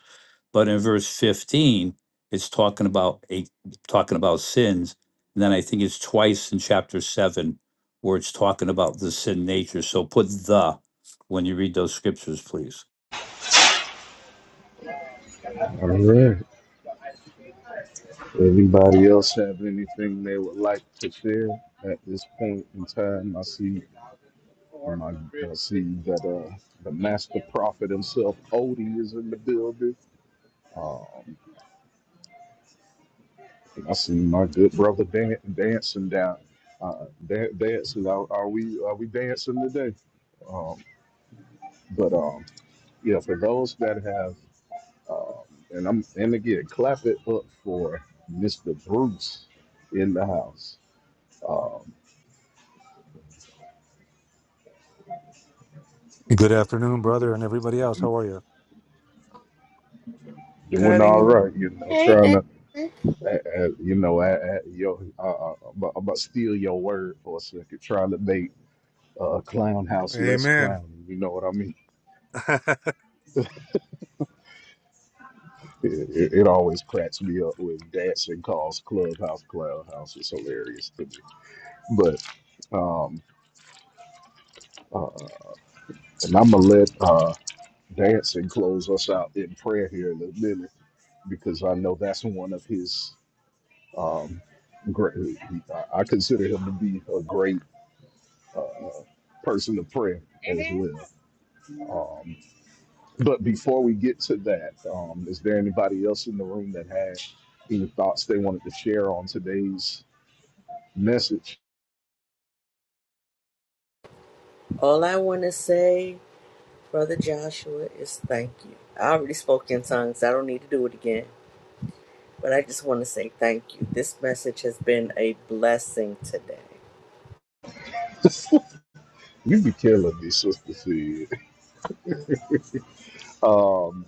Speaker 7: but in verse 15, it's talking about a talking about sins. And then I think it's twice in chapter seven where it's talking about the sin nature. So put the when you read those scriptures, please.
Speaker 2: all right. Anybody else have anything they would like to share at this point in time? I see, um, I, I see that uh, the master prophet himself, Odie, is in the building. Um, I see my good brother Dan- dancing down, uh, dan- dancing. Are, are we are we dancing today? Um, but um, yeah, for those that have, um, and I'm and again, clap it up for Mr. Bruce in the house. Um,
Speaker 8: Good afternoon, brother, and everybody else. How are you?
Speaker 2: doing all
Speaker 4: Cutting.
Speaker 2: right, you know,
Speaker 5: Hey,
Speaker 2: trying to,
Speaker 5: David.
Speaker 2: uh, uh, you know, uh, uh, yo, uh, uh, about, about steal your word for a second, trying to make uh, clown house less
Speaker 8: Amen.
Speaker 2: clowny. You know what I mean? It, it, it always cracks me up when Datsun calls Clubhouse Clown House. It's hilarious to me. But, um, uh, and I'm gonna let uh, Datsun close us out in prayer here in a minute because I know that's one of his um, great. I I consider him to be a great. uh, person of prayer as well. Um, but before we get to that, um, is there anybody else in the room that had any thoughts they wanted to share on today's message?
Speaker 5: All I want to say, Brother Joshua, is thank you. I already spoke in tongues. I don't need to do it again. But I just want to say thank you. This message has been a blessing today.
Speaker 2: You be killing me, Sister Sid. Um,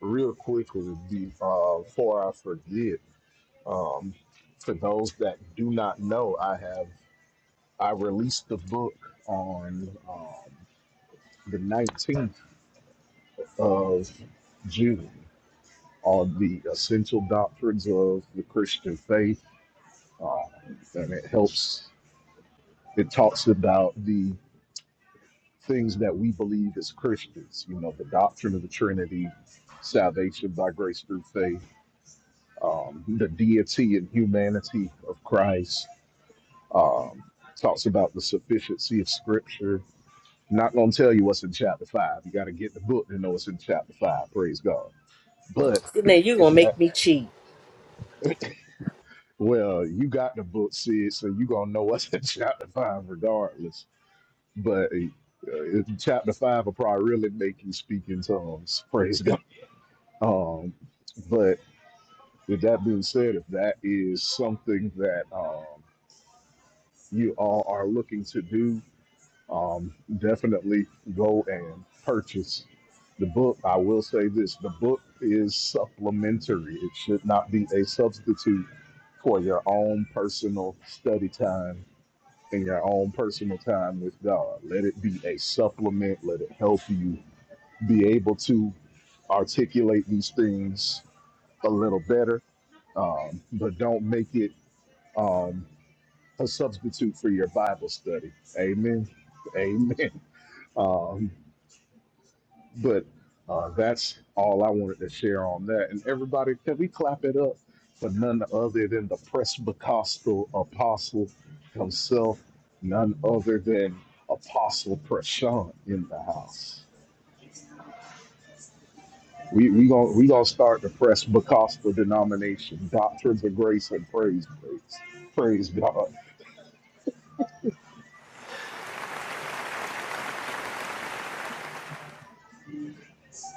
Speaker 2: real quickly, be- uh, before I forget, um, for those that do not know, I have I released the book on um, the 19th of June. On the essential doctrines of the Christian faith. Uh, and it helps, it talks about the things that we believe as Christians, you know, the doctrine of the Trinity, salvation by grace through faith, um, the deity and humanity of Christ, um, talks about the sufficiency of Scripture. Not going to tell you what's in chapter five. You got to get the book to know what's in chapter five. Praise God. But
Speaker 5: Now you're
Speaker 2: if
Speaker 5: going to
Speaker 2: that
Speaker 5: make me cheat.
Speaker 2: Well, you got the book, Sid, so you gonna know what's in chapter five, regardless. But uh, it- chapter five will probably really make you speak in tongues. Praise God. Um, but with that being said, if that is something that um, you all are looking to do, um, definitely go and purchase the book. I will say this: the book is supplementary. It should not be a substitute for your own personal study time in your own personal time with God. Let it be a supplement. Let it help you be able to articulate these things a little better, um, but don't make it um, a substitute for your Bible study. Amen. Amen. Um, But uh, that's all I wanted to share on that. And everybody, can we clap it up for none other than the Presbycostal Apostle himself, none other than Apostle Prashant in the house. We we gonna we gonna start the Presbycostal denomination, doctrines of grace and praise, praise, praise God.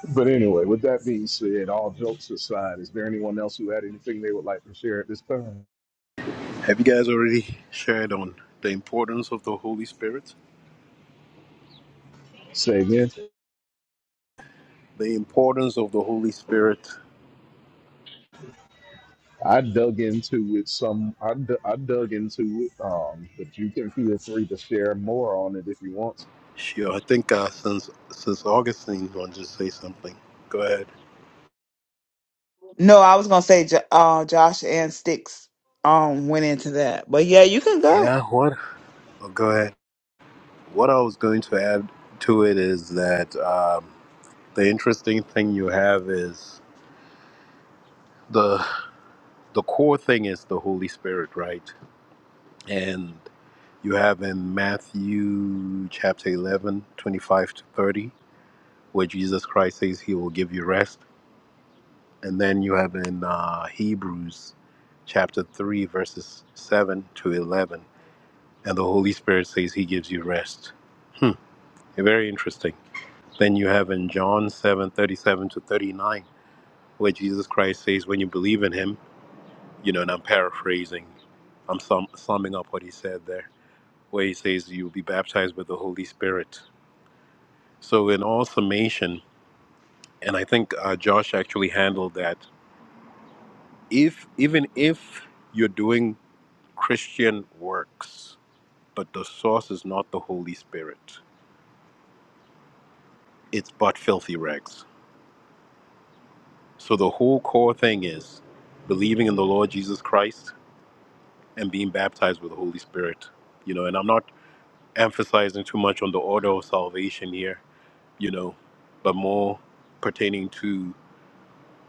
Speaker 2: But anyway, with that being said, all jokes aside, is there anyone else who had anything they would like to share at this time?
Speaker 3: Have you guys already shared on the importance of the Holy Spirit?
Speaker 2: Say again.
Speaker 3: The importance of the Holy Spirit.
Speaker 2: I dug into it some. I, d- I dug into it, um, but you can feel free to share more on it if you want.
Speaker 3: Sure, I think uh, since since Augustine wanted to say something. Go ahead.
Speaker 4: No, I was gonna say Jo- uh, Josh and Sticks um went into that, but yeah, you can go.
Speaker 3: Yeah, what? Oh, go ahead. What I was going to add to it is that um, the interesting thing you have is. the the core thing is the Holy Spirit, right? And you have in Matthew chapter 11 25 to 30, where Jesus Christ says he will give you rest. And then you have in uh, Hebrews chapter 3, verses 7 to 11, and the Holy Spirit says he gives you rest. Hmm, very interesting. Then you have in John 7 37 to 39, where Jesus Christ says, when you believe in him, you know, and I'm paraphrasing, I'm sum- summing up what he said there where he says you will be baptized with the Holy Spirit. So, in all summation, and I think uh, Josh actually handled that. If even if you're doing Christian works, but the source is not the Holy Spirit, it's but filthy rags. So the whole core thing is believing in the Lord Jesus Christ and being baptized with the Holy Spirit. You know, and I'm not emphasizing too much on the order of salvation here. You know, but more pertaining to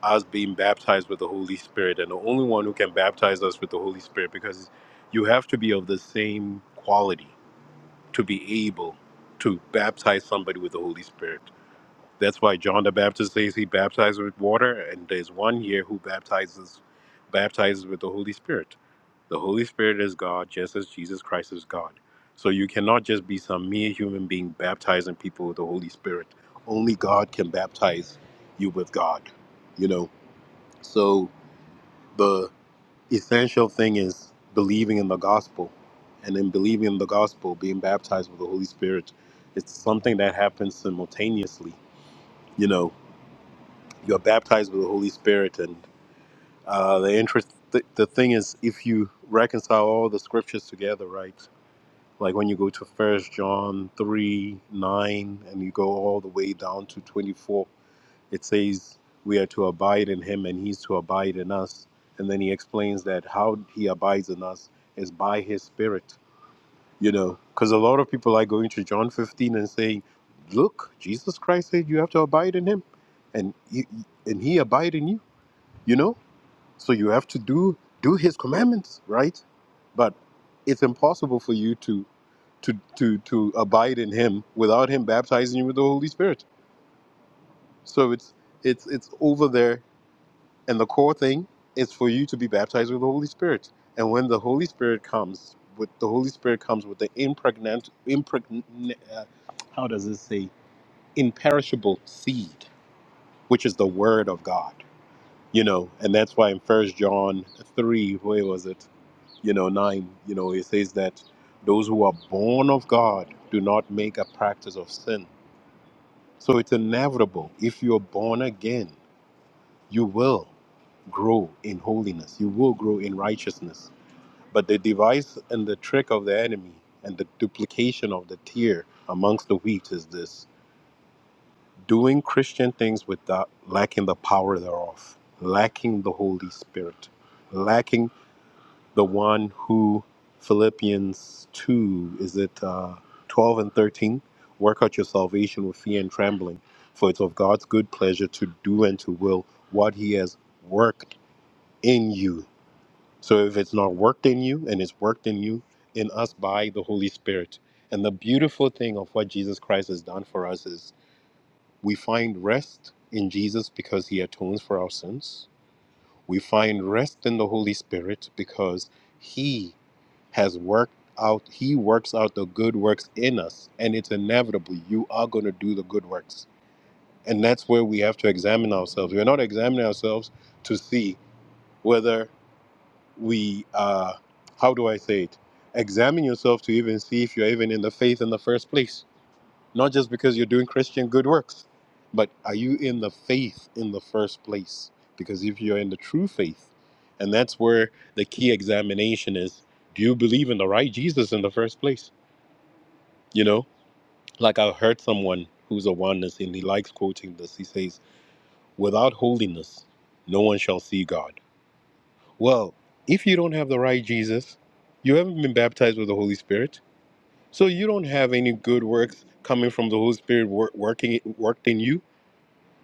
Speaker 3: us being baptized with the Holy Spirit and the only one who can baptize us with the Holy Spirit because you have to be of the same quality to be able to baptize somebody with the Holy Spirit. That's why John the Baptist says he baptizes with water, and there's one here who baptizes baptizes with the Holy Spirit. The Holy Spirit is God just as Jesus Christ is God. So you cannot just be some mere human being baptizing people with the Holy Spirit. Only God can baptize you with God. You know. So the essential thing is believing in the gospel and in believing in the gospel being baptized with the holy spirit it's something that happens simultaneously you know you're baptized with the holy spirit and uh, the interest the, the thing is if you reconcile all the scriptures together right like when you go to first john 3 9 and you go all the way down to 24 It says we are to abide in him and he's to abide in us. And then he explains that how he abides in us is by his spirit, you know, because a lot of people are going to John 15 and saying, look, Jesus Christ said you have to abide in him and he, and he abide in you, you know, so you have to do, do his commandments, right? But it's impossible for you to, to, to, to abide in him without him baptizing you with the Holy Spirit. So it's, it's, it's over there And the core thing is for you to be baptized with the Holy Spirit. And when the Holy Spirit comes, with the Holy Spirit comes with the impregnant, impregnant uh, how does it say, imperishable seed, which is the Word of God. You know, and that's why in First John three, where was it? You know, nine. You know, it says that those who are born of God do not make a practice of sin. So it's inevitable. If you're born again, you will. grow in holiness, you will grow in righteousness. But the device and the trick of the enemy and the duplication of the tear amongst the wheat is this doing Christian things without lacking the power thereof, lacking the Holy Spirit, lacking the one who Philippians 2, is it uh, 12 and 13? Work out your salvation with fear and trembling, for it's of God's good pleasure to do and to will what he has worked in you So if it's not worked in you and it's worked in you, in us by the Holy Spirit. And the beautiful thing of what Jesus Christ has done for us is we find rest in Jesus because he atones for our sins. We find rest in the Holy Spirit because he has worked out, he works out the good works in us. And it's inevitable. You are going to do the good works. And that's where we have to examine ourselves. We're not examining ourselves to see whether we uh how do i say it examine yourself to even see if you're even in the faith in the first place not just because you're doing christian good works but are you in the faith in the first place because if you're in the true faith and that's where the key examination is do you believe in the right jesus in the first place you know like i heard someone who's a oneness and he likes quoting this he says without holiness no one shall see god Well, if you don't have the right Jesus, you haven't been baptized with the Holy Spirit, so you don't have any good works coming from the Holy Spirit wor- working worked in you.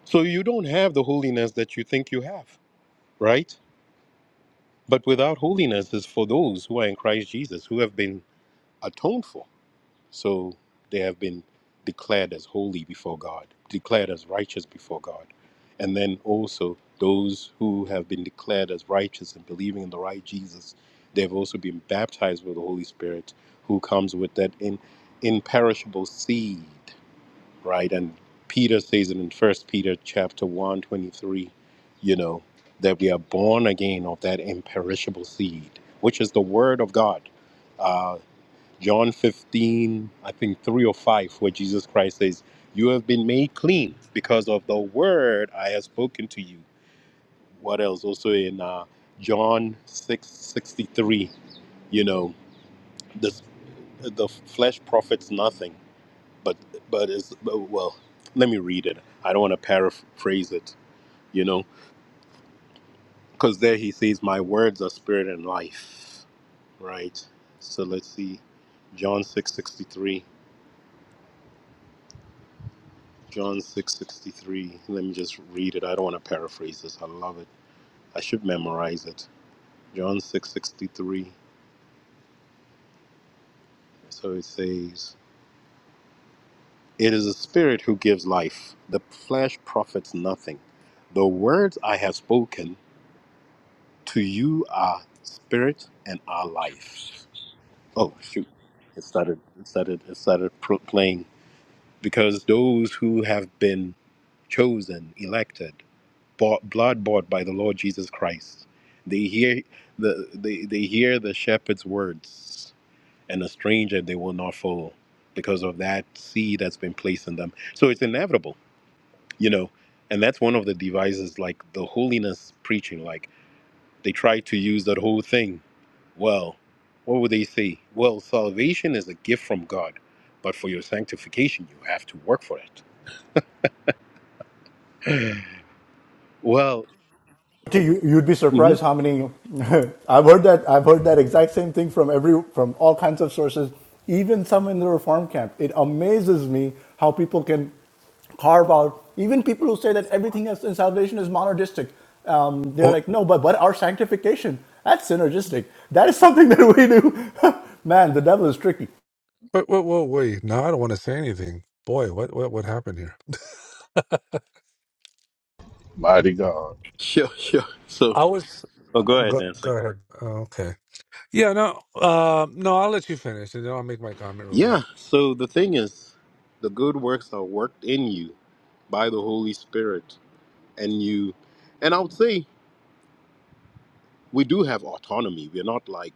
Speaker 3: So you don't have the holiness that you think you have, right? But without holiness is for those who are in Christ Jesus, who have been atoned for. So they have been declared as holy before God, declared as righteous before God. And then also those who have been declared as righteous and believing in the right Jesus, they've also been baptized with the Holy Spirit who comes with that in, imperishable seed, right? And Peter says it in First Peter chapter one 23, you know, that we are born again of that imperishable seed, which is the word of God Uh, John 15, I think 3 or 5, where Jesus Christ says, You have been made clean because of the word I have spoken to you. What else? Also in uh, John 6 63, you know, this, the flesh profits nothing, but, but is well, let me read it. I don't want to paraphrase it, you know, because there he says, My words are spirit and life, right? So let's see. John 6 63. John 6:63. Let me just read it. I don't want to paraphrase this. I love it. I should memorize it. John 6:63. So it says, "It is the spirit who gives life. The flesh profits nothing. The words I have spoken to you are spirit and are life." Oh, shoot. It started it started it started pro- playing because those who have been chosen, elected bought, blood bought by the Lord Jesus Christ. They hear the they, they hear the shepherd's words, and a stranger they will not follow because of that seed that's been placed in them. So it's inevitable, you know. And that's one of the devices, like the holiness preaching. Like they try to use that whole thing. Well, what would they say? Well, salvation is a gift from God, but for your sanctification, you have to work for it. Well,
Speaker 9: You, would be
Speaker 3: mhm.
Speaker 9: surprised how many. I've heard that. I've heard that exact same thing from every from all kinds of sources, even some in the reform camp. It amazes me how people can carve out. Even people who say that everything else in salvation is monogistic, um, they're
Speaker 8: Oh,
Speaker 9: like, no, but but our sanctification that's synergistic. That is something that we do. Man, the devil is tricky.
Speaker 8: whoa, whoa, whoa, wait. No, I don't want to say anything. Boy, what, what, what happened here?
Speaker 2: Mighty God.
Speaker 3: sure, sure. So,
Speaker 8: I was.
Speaker 3: oh, go
Speaker 8: Uh,
Speaker 3: ahead,
Speaker 8: go, go
Speaker 3: Nancy.
Speaker 8: ahead. Oh, okay. Yeah. No. Uh, no. I'll let you finish, and then I'll make my comment real
Speaker 3: Yeah,
Speaker 8: quick.
Speaker 3: so the thing is, the good works are worked in you by the Holy Spirit. And you, and I would say we do have autonomy. We're not like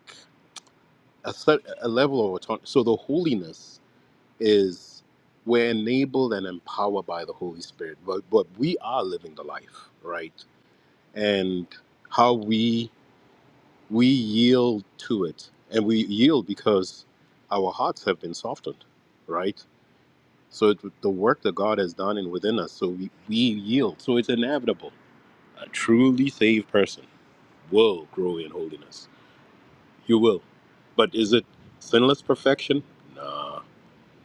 Speaker 3: a, set, a level of autonomy. So the holiness is we're enabled and empowered by the Holy Spirit, but, but we are living the life, right? And how we we yield to it, and we yield because our hearts have been softened, right? So it, the work that God has done and within us, so we, we yield. So it's inevitable. A truly saved person will grow in holiness. You will. But is it sinless perfection? Nah,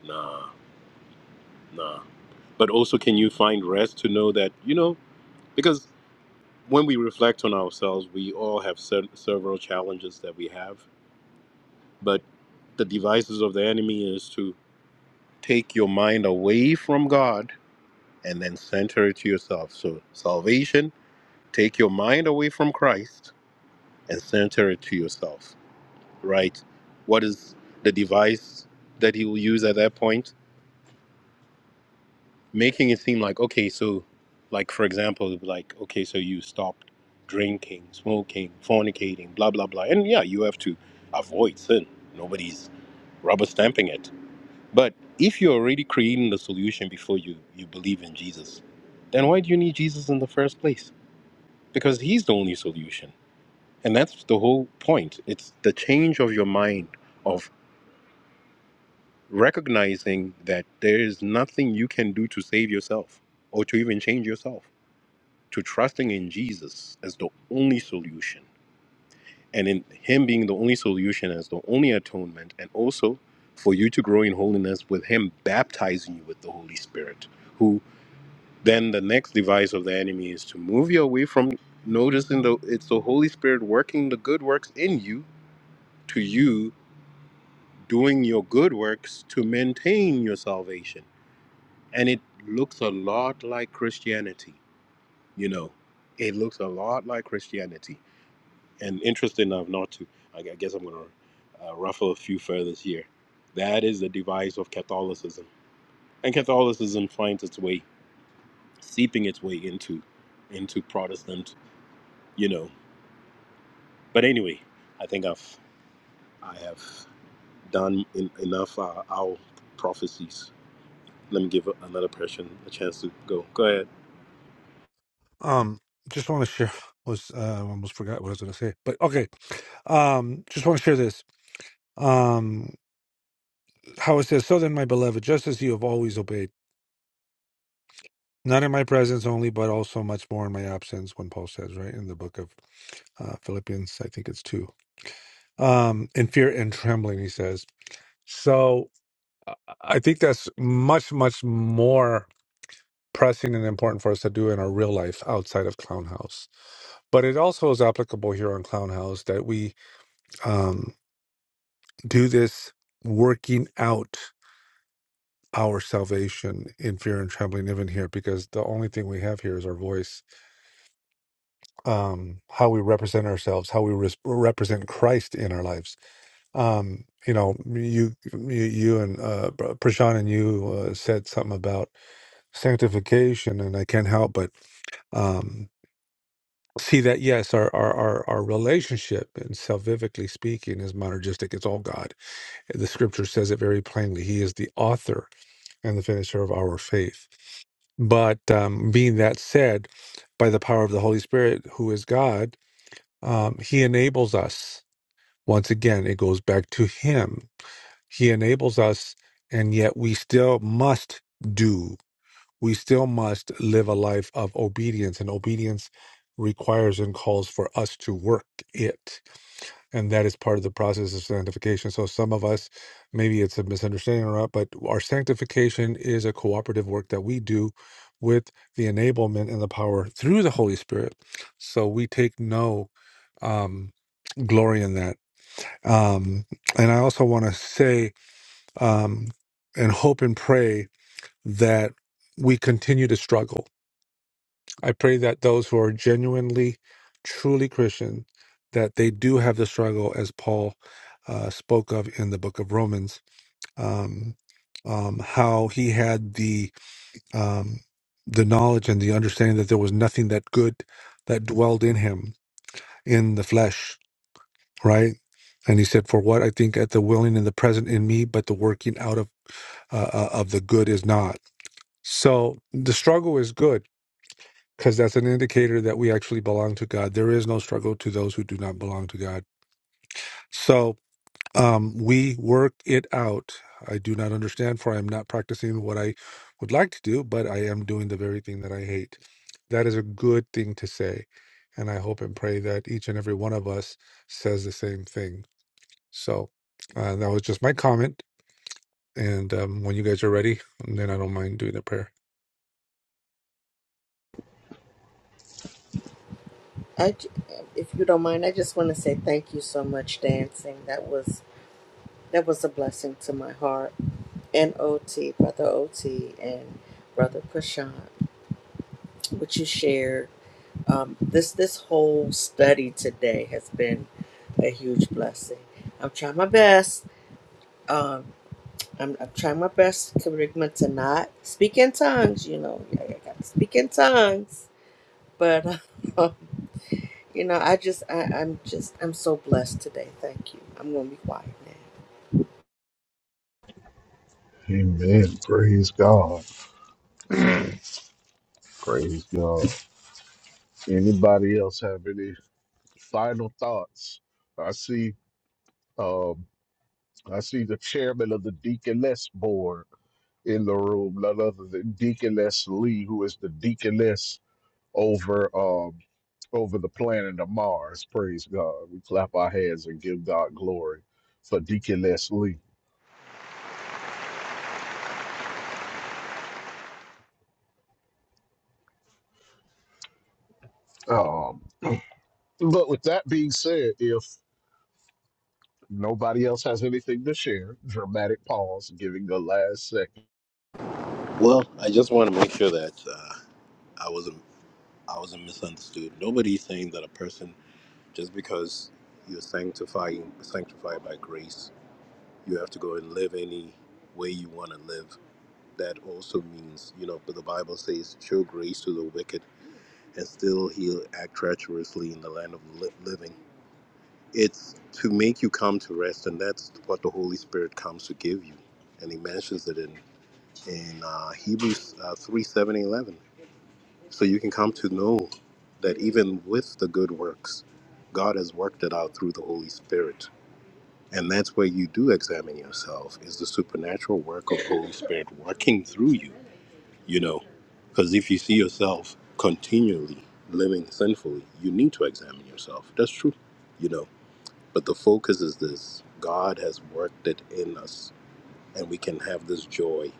Speaker 3: nah, nah. But also, can you find rest to know that, you know, because when we reflect on ourselves, we all have se- several challenges that we have. But the devices of the enemy is to take your mind away from God and then center it to yourself. So salvation Take your mind away from Christ and center it to yourself, right? What is the device that he will use at that point? Making it seem like, okay, so, like, for example, like, okay, so you stopped drinking, smoking, fornicating, blah, blah, blah. And yeah, you have to avoid sin. Nobody's rubber stamping it. But if you're already creating the solution before you, you believe in Jesus, then why do you need Jesus in the first place? Because he's the only solution And that's the whole point. It's the change of your mind of recognizing that there is nothing you can do to save yourself or to even change yourself, to trusting in Jesus as the only solution. And in Him being the only solution as the only atonement, and also for you to grow in holiness with Him baptizing you with the Holy Spirit, who then the next device of the enemy is to move you away from noticing the it's the Holy Spirit working the good works in you to you. doing your good works to maintain your salvation. And it looks a lot like Christianity, you know. It looks a lot like Christianity. And interesting enough, not to, I guess I'm going to uh, ruffle a few feathers here. That is the device of Catholicism. And Catholicism finds its way, seeping its way into into Protestant, you know. But anyway, I think I've I have done en- enough uh, our prophecies let me give another person a chance to go. Go ahead.
Speaker 8: Um, just want to share. Was uh, I almost forgot what I was going to say, but okay. Um, just want to share this. Um, how it says, "So then, my beloved, just as you have always obeyed." Not in my presence only, but also much more in my absence, when Paul says, right, in the book of uh, Philippians, I think it's two. Um, in fear and trembling, he says. So uh, I think that's much, much more pressing and important for us to do in our real life outside of Clown House. But it also is applicable here on Clown House that we um, do this working out our salvation in fear and trembling, even here, because the only thing we have here is our voice um, how we represent ourselves, how we res- represent Christ in our lives. Um, you know, you, you, you and uh, Prashan and you uh, said something about sanctification, and I can't help but um, see that yes, our, our our our relationship, and salvifically speaking, is monergistic. It's all God. The Scripture says it very plainly. He is the author and the finisher of our faith. But um, being that said, by the power of the Holy Spirit, who is God, um, He enables us Once again, it goes back to Him. He enables us, and yet we still must do. We still must live a life of obedience, and obedience requires and calls for us to work it. And that is part of the process of sanctification. So, some of us, maybe it's a misunderstanding or not, but our sanctification is a cooperative work that we do with the enablement and the power through the Holy Spirit. So, we take no um, glory in that um, and I also want to say um, and hope and pray that we continue to struggle. I pray that those who are genuinely, truly Christian, that they do have the struggle as Paul uh, spoke of in the book of Romans, um, um, how he had the um, the knowledge and the understanding that there was nothing that good that dwelled in him in the flesh right? And he said, "For what I think at the willing and the present in me, but the working out of uh, uh, of the good is not." So the struggle is good because that's an indicator that we actually belong to God. There is no struggle to those who do not belong to God. So um, we work it out. I do not understand, for I am not practicing what I would like to do, but I am doing the very thing that I hate. That is a good thing to say. And I hope and pray that each and every one of us says the same thing So uh, that was just my comment. And um, when you guys are ready, then I don't mind doing the prayer.
Speaker 5: I, j- if you don't mind, I just want to say thank you so much, dancing. That was that was a blessing to my heart. And OT, Brother OT, and Brother Prashant, what you shared. um, this this whole study today has been a huge blessing. I'm trying my best. Um, I'm, I'm trying my best, Kerigma, to not speak in tongues. You know, I, I got to speak in tongues. But um, you know, I just I, I'm just I'm so blessed today. Thank you. I'm gonna be quiet now.
Speaker 2: Amen. Praise God. Praise God. Anybody else have any final thoughts? I see. Um, I see the chairman of the Deaconess Board in the room, none other than Deaconess Lee, who is the Deaconess over um over the planet of Mars. Praise God. We clap our hands and give God glory for Deaconess Lee. Um, but with that being said, if nobody else has anything to share, dramatic pause, giving the last second.
Speaker 3: Well, I just want to make sure that uh, I wasn't I wasn't misunderstood. Nobody's saying that a person just because you're sanctifying sanctified by grace, you have to go and live any way you want to live. That also means, you know, but the Bible says, "Show grace to the wicked, and still he'll act treacherously in the land of li- living." It's to make you come to rest, and that's what the Holy Spirit comes to give you, and He mentions it in in uh, Hebrews uh, 3 7 and 11. So you can come to know that even with the good works, God has worked it out through the Holy Spirit. And that's where you do examine yourself is the supernatural work of Holy Spirit working through you, you know. Because if you see yourself continually living sinfully, you need to examine yourself. That's true, you know. But the focus is this God has worked it in us, and we can have this joy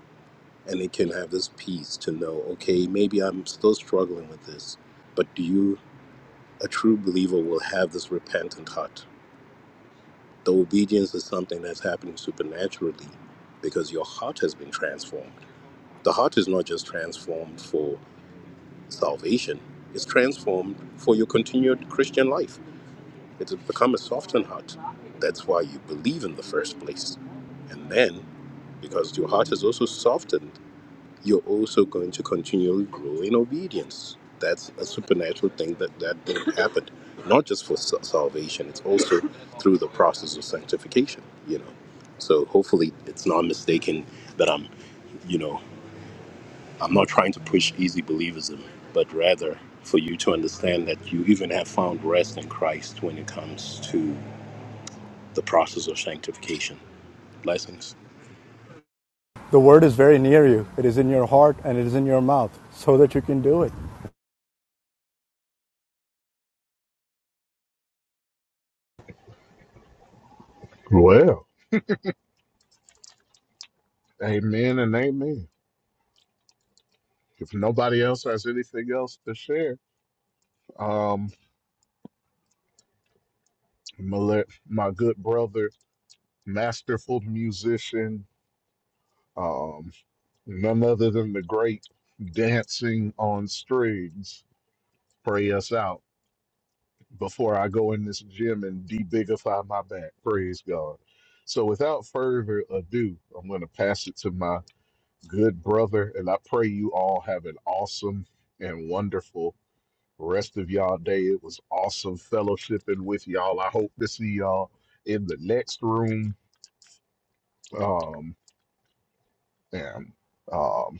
Speaker 3: and they can have this peace to know, okay, maybe I'm still struggling with this, but do you, a true believer, will have this repentant heart? The obedience is something that's happening supernaturally because your heart has been transformed. The heart is not just transformed for salvation, it's transformed for your continued Christian life. It's become a softened heart. That's why you believe in the first place. And then, because your heart is also softened, you're also going to continually grow in obedience. That's a supernatural thing that that thing happened, not just for sa- salvation. It's also through the process of sanctification. You know, so hopefully it's not mistaken that I'm, you know, I'm not trying to push easy believism, but rather for you to understand that you even have found rest in Christ when it comes to the process of sanctification. Blessings.
Speaker 9: The word is very near you. It is in your heart and it is in your mouth, so that you can do it.
Speaker 2: Well, amen and amen. If nobody else has anything else to share, um, I'm gonna let my good brother, masterful musician, um, None other than the great dancing on strings. Pray us out before I go in this gym and debigify my back. Praise God. So, without further ado, I'm going to pass it to my good brother, and I pray you all have an awesome and wonderful rest of y'all day. It was awesome fellowshipping with y'all. I hope to see y'all in the next room. Um, and um,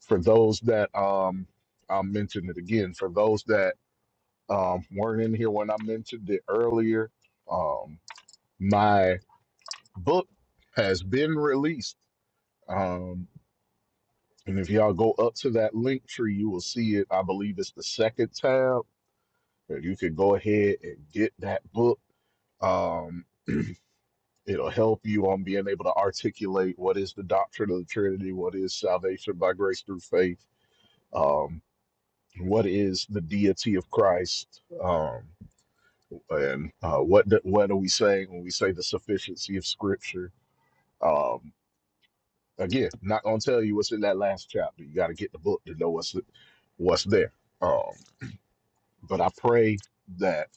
Speaker 2: for those that um I'll mention it again for those that um weren't in here when I mentioned it earlier um my book has been released um and if y'all go up to that link tree you will see it I believe it's the second tab that you can go ahead and get that book um it'll help you on being able to articulate what is the doctrine of the Trinity what is salvation by grace through faith um, what is the deity of Christ, um, and uh, what do, what are we saying when we say the sufficiency of Scripture? Um, again, not gonna tell you what's in that last chapter. You got to get the book to know what's what's there. Um, but I pray that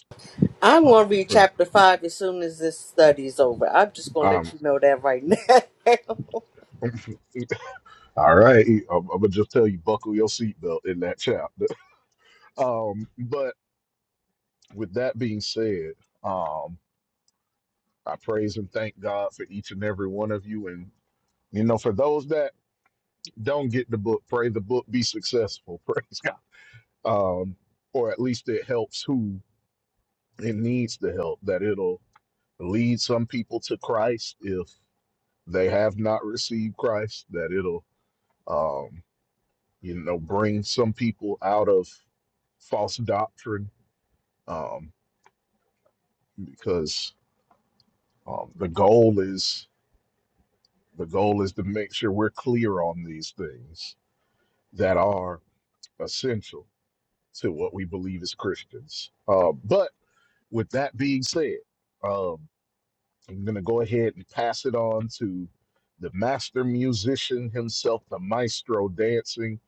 Speaker 5: I'm gonna
Speaker 2: um,
Speaker 5: read
Speaker 2: for
Speaker 5: chapter five as soon as this study's over. I'm just gonna
Speaker 2: um,
Speaker 5: let you know that right now.
Speaker 2: all right, I'm, I'm gonna just tell you buckle your seatbelt in that chapter. Um, but with that being said, um, I praise and thank God for each and every one of you and you know, for those that don't get the book. Pray the book be successful. Praise God. Um, or at least it helps who it needs to help. That it'll lead some people to Christ if they have not received Christ. That it'll, um, you know, bring some people out of false doctrine. Um, because um, the goal is the goal is to make sure we're clear on these things that are essential to what we believe as Christians. Uh, but with that being said, um, I'm going to go ahead and pass it on to the master musician himself, the maestro dancing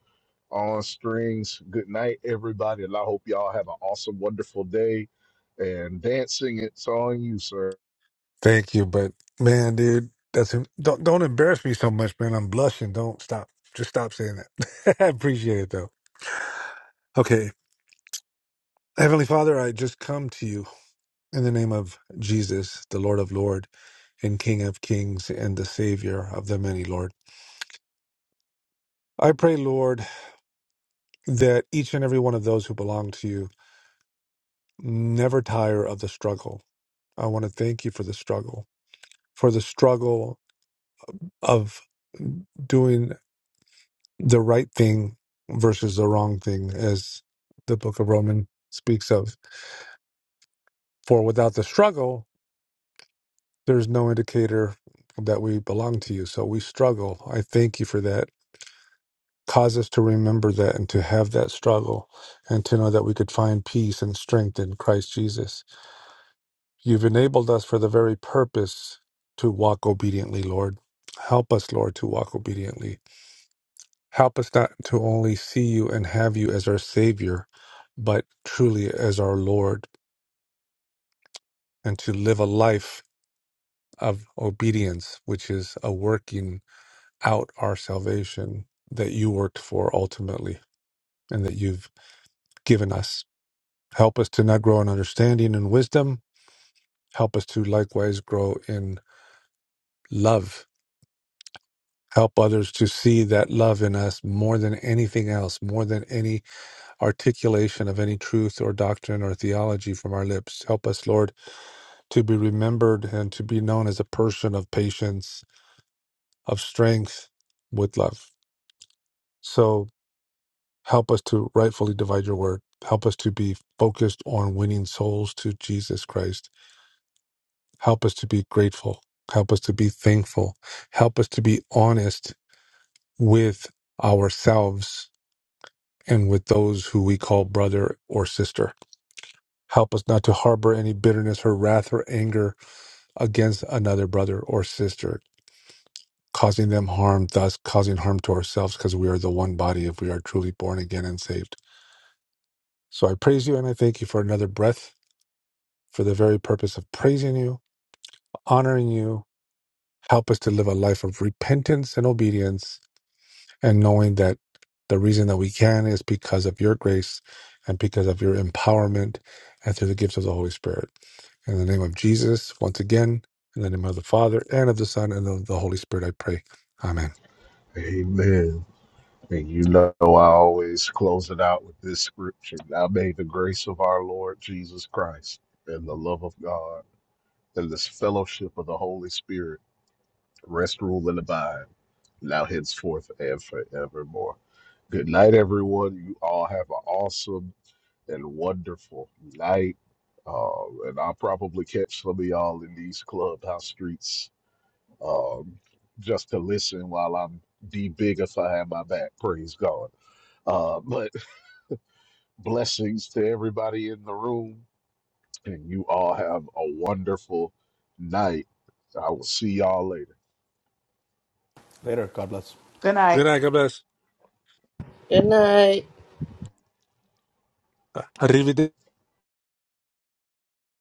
Speaker 2: on strings. Good night, everybody. And I hope y'all have an awesome, wonderful day. And dancing, it's on you, sir.
Speaker 8: Thank you, but man, dude, that's don't don't embarrass me so much, man. I'm blushing. Don't stop. Just stop saying that. I appreciate it though. Okay. Heavenly Father, I just come to you in the name of Jesus, the Lord of Lord and King of Kings and the Savior of the many, Lord. I pray, Lord, that each and every one of those who belong to you never tire of the struggle. I want to thank you for the struggle. for the struggle of doing the right thing versus the wrong thing, as the book of Romans speaks of. For without the struggle, there's no indicator that we belong to you. So we struggle. I thank you for that. Cause us to remember that and to have that struggle and to know that we could find peace and strength in Christ Jesus. You've enabled us for the very purpose to walk obediently, Lord. Help us, Lord, to walk obediently Help us not to only see you and have you as our Savior, but truly as our Lord, and to live a life of obedience, which is a working out our salvation that you worked for ultimately and that you've given us. Help us to not grow in understanding and wisdom. Help us to likewise grow in love. Help others to see that love in us more than anything else, more than any articulation of any truth or doctrine or theology from our lips. Help us, Lord, to be remembered and to be known as a person of patience, of strength, with love. So help us to rightfully divide your word. Help us to be focused on winning souls to Jesus Christ. Help us to be grateful. Help us to be thankful. Help us to be honest with ourselves and with those who we call brother or sister. Help us not to harbor any bitterness or wrath or anger against another brother or sister, causing them harm, thus causing harm to ourselves, because we are the one body if we are truly born again and saved. So I praise you and I thank you for another breath, for the very purpose of praising you, honoring you. Help us to live a life of repentance and obedience, and knowing that the reason that we can is because of your grace and because of your empowerment and through the gifts of the Holy Spirit. In the name of Jesus, once again, in the name of the Father and of the Son and of the Holy Spirit, I pray. Amen.
Speaker 2: Amen. And you know, I always close it out with this scripture. Now may the grace of our Lord Jesus Christ and the love of God and this fellowship of the Holy Spirit rest, rule, and abide now henceforth and forevermore. Good night, everyone. You all have an awesome and wonderful night. Uh, and I'll probably catch some of y'all in these clubhouse streets um, just to listen while I'm debigifying my back. Praise God. Uh, but blessings to everybody in the room. And you all have a wonderful night. I will see y'all later.
Speaker 9: Later. God bless.
Speaker 4: Good night.
Speaker 8: Good night. God bless.
Speaker 5: Good night.
Speaker 8: Uh, Arrivederci.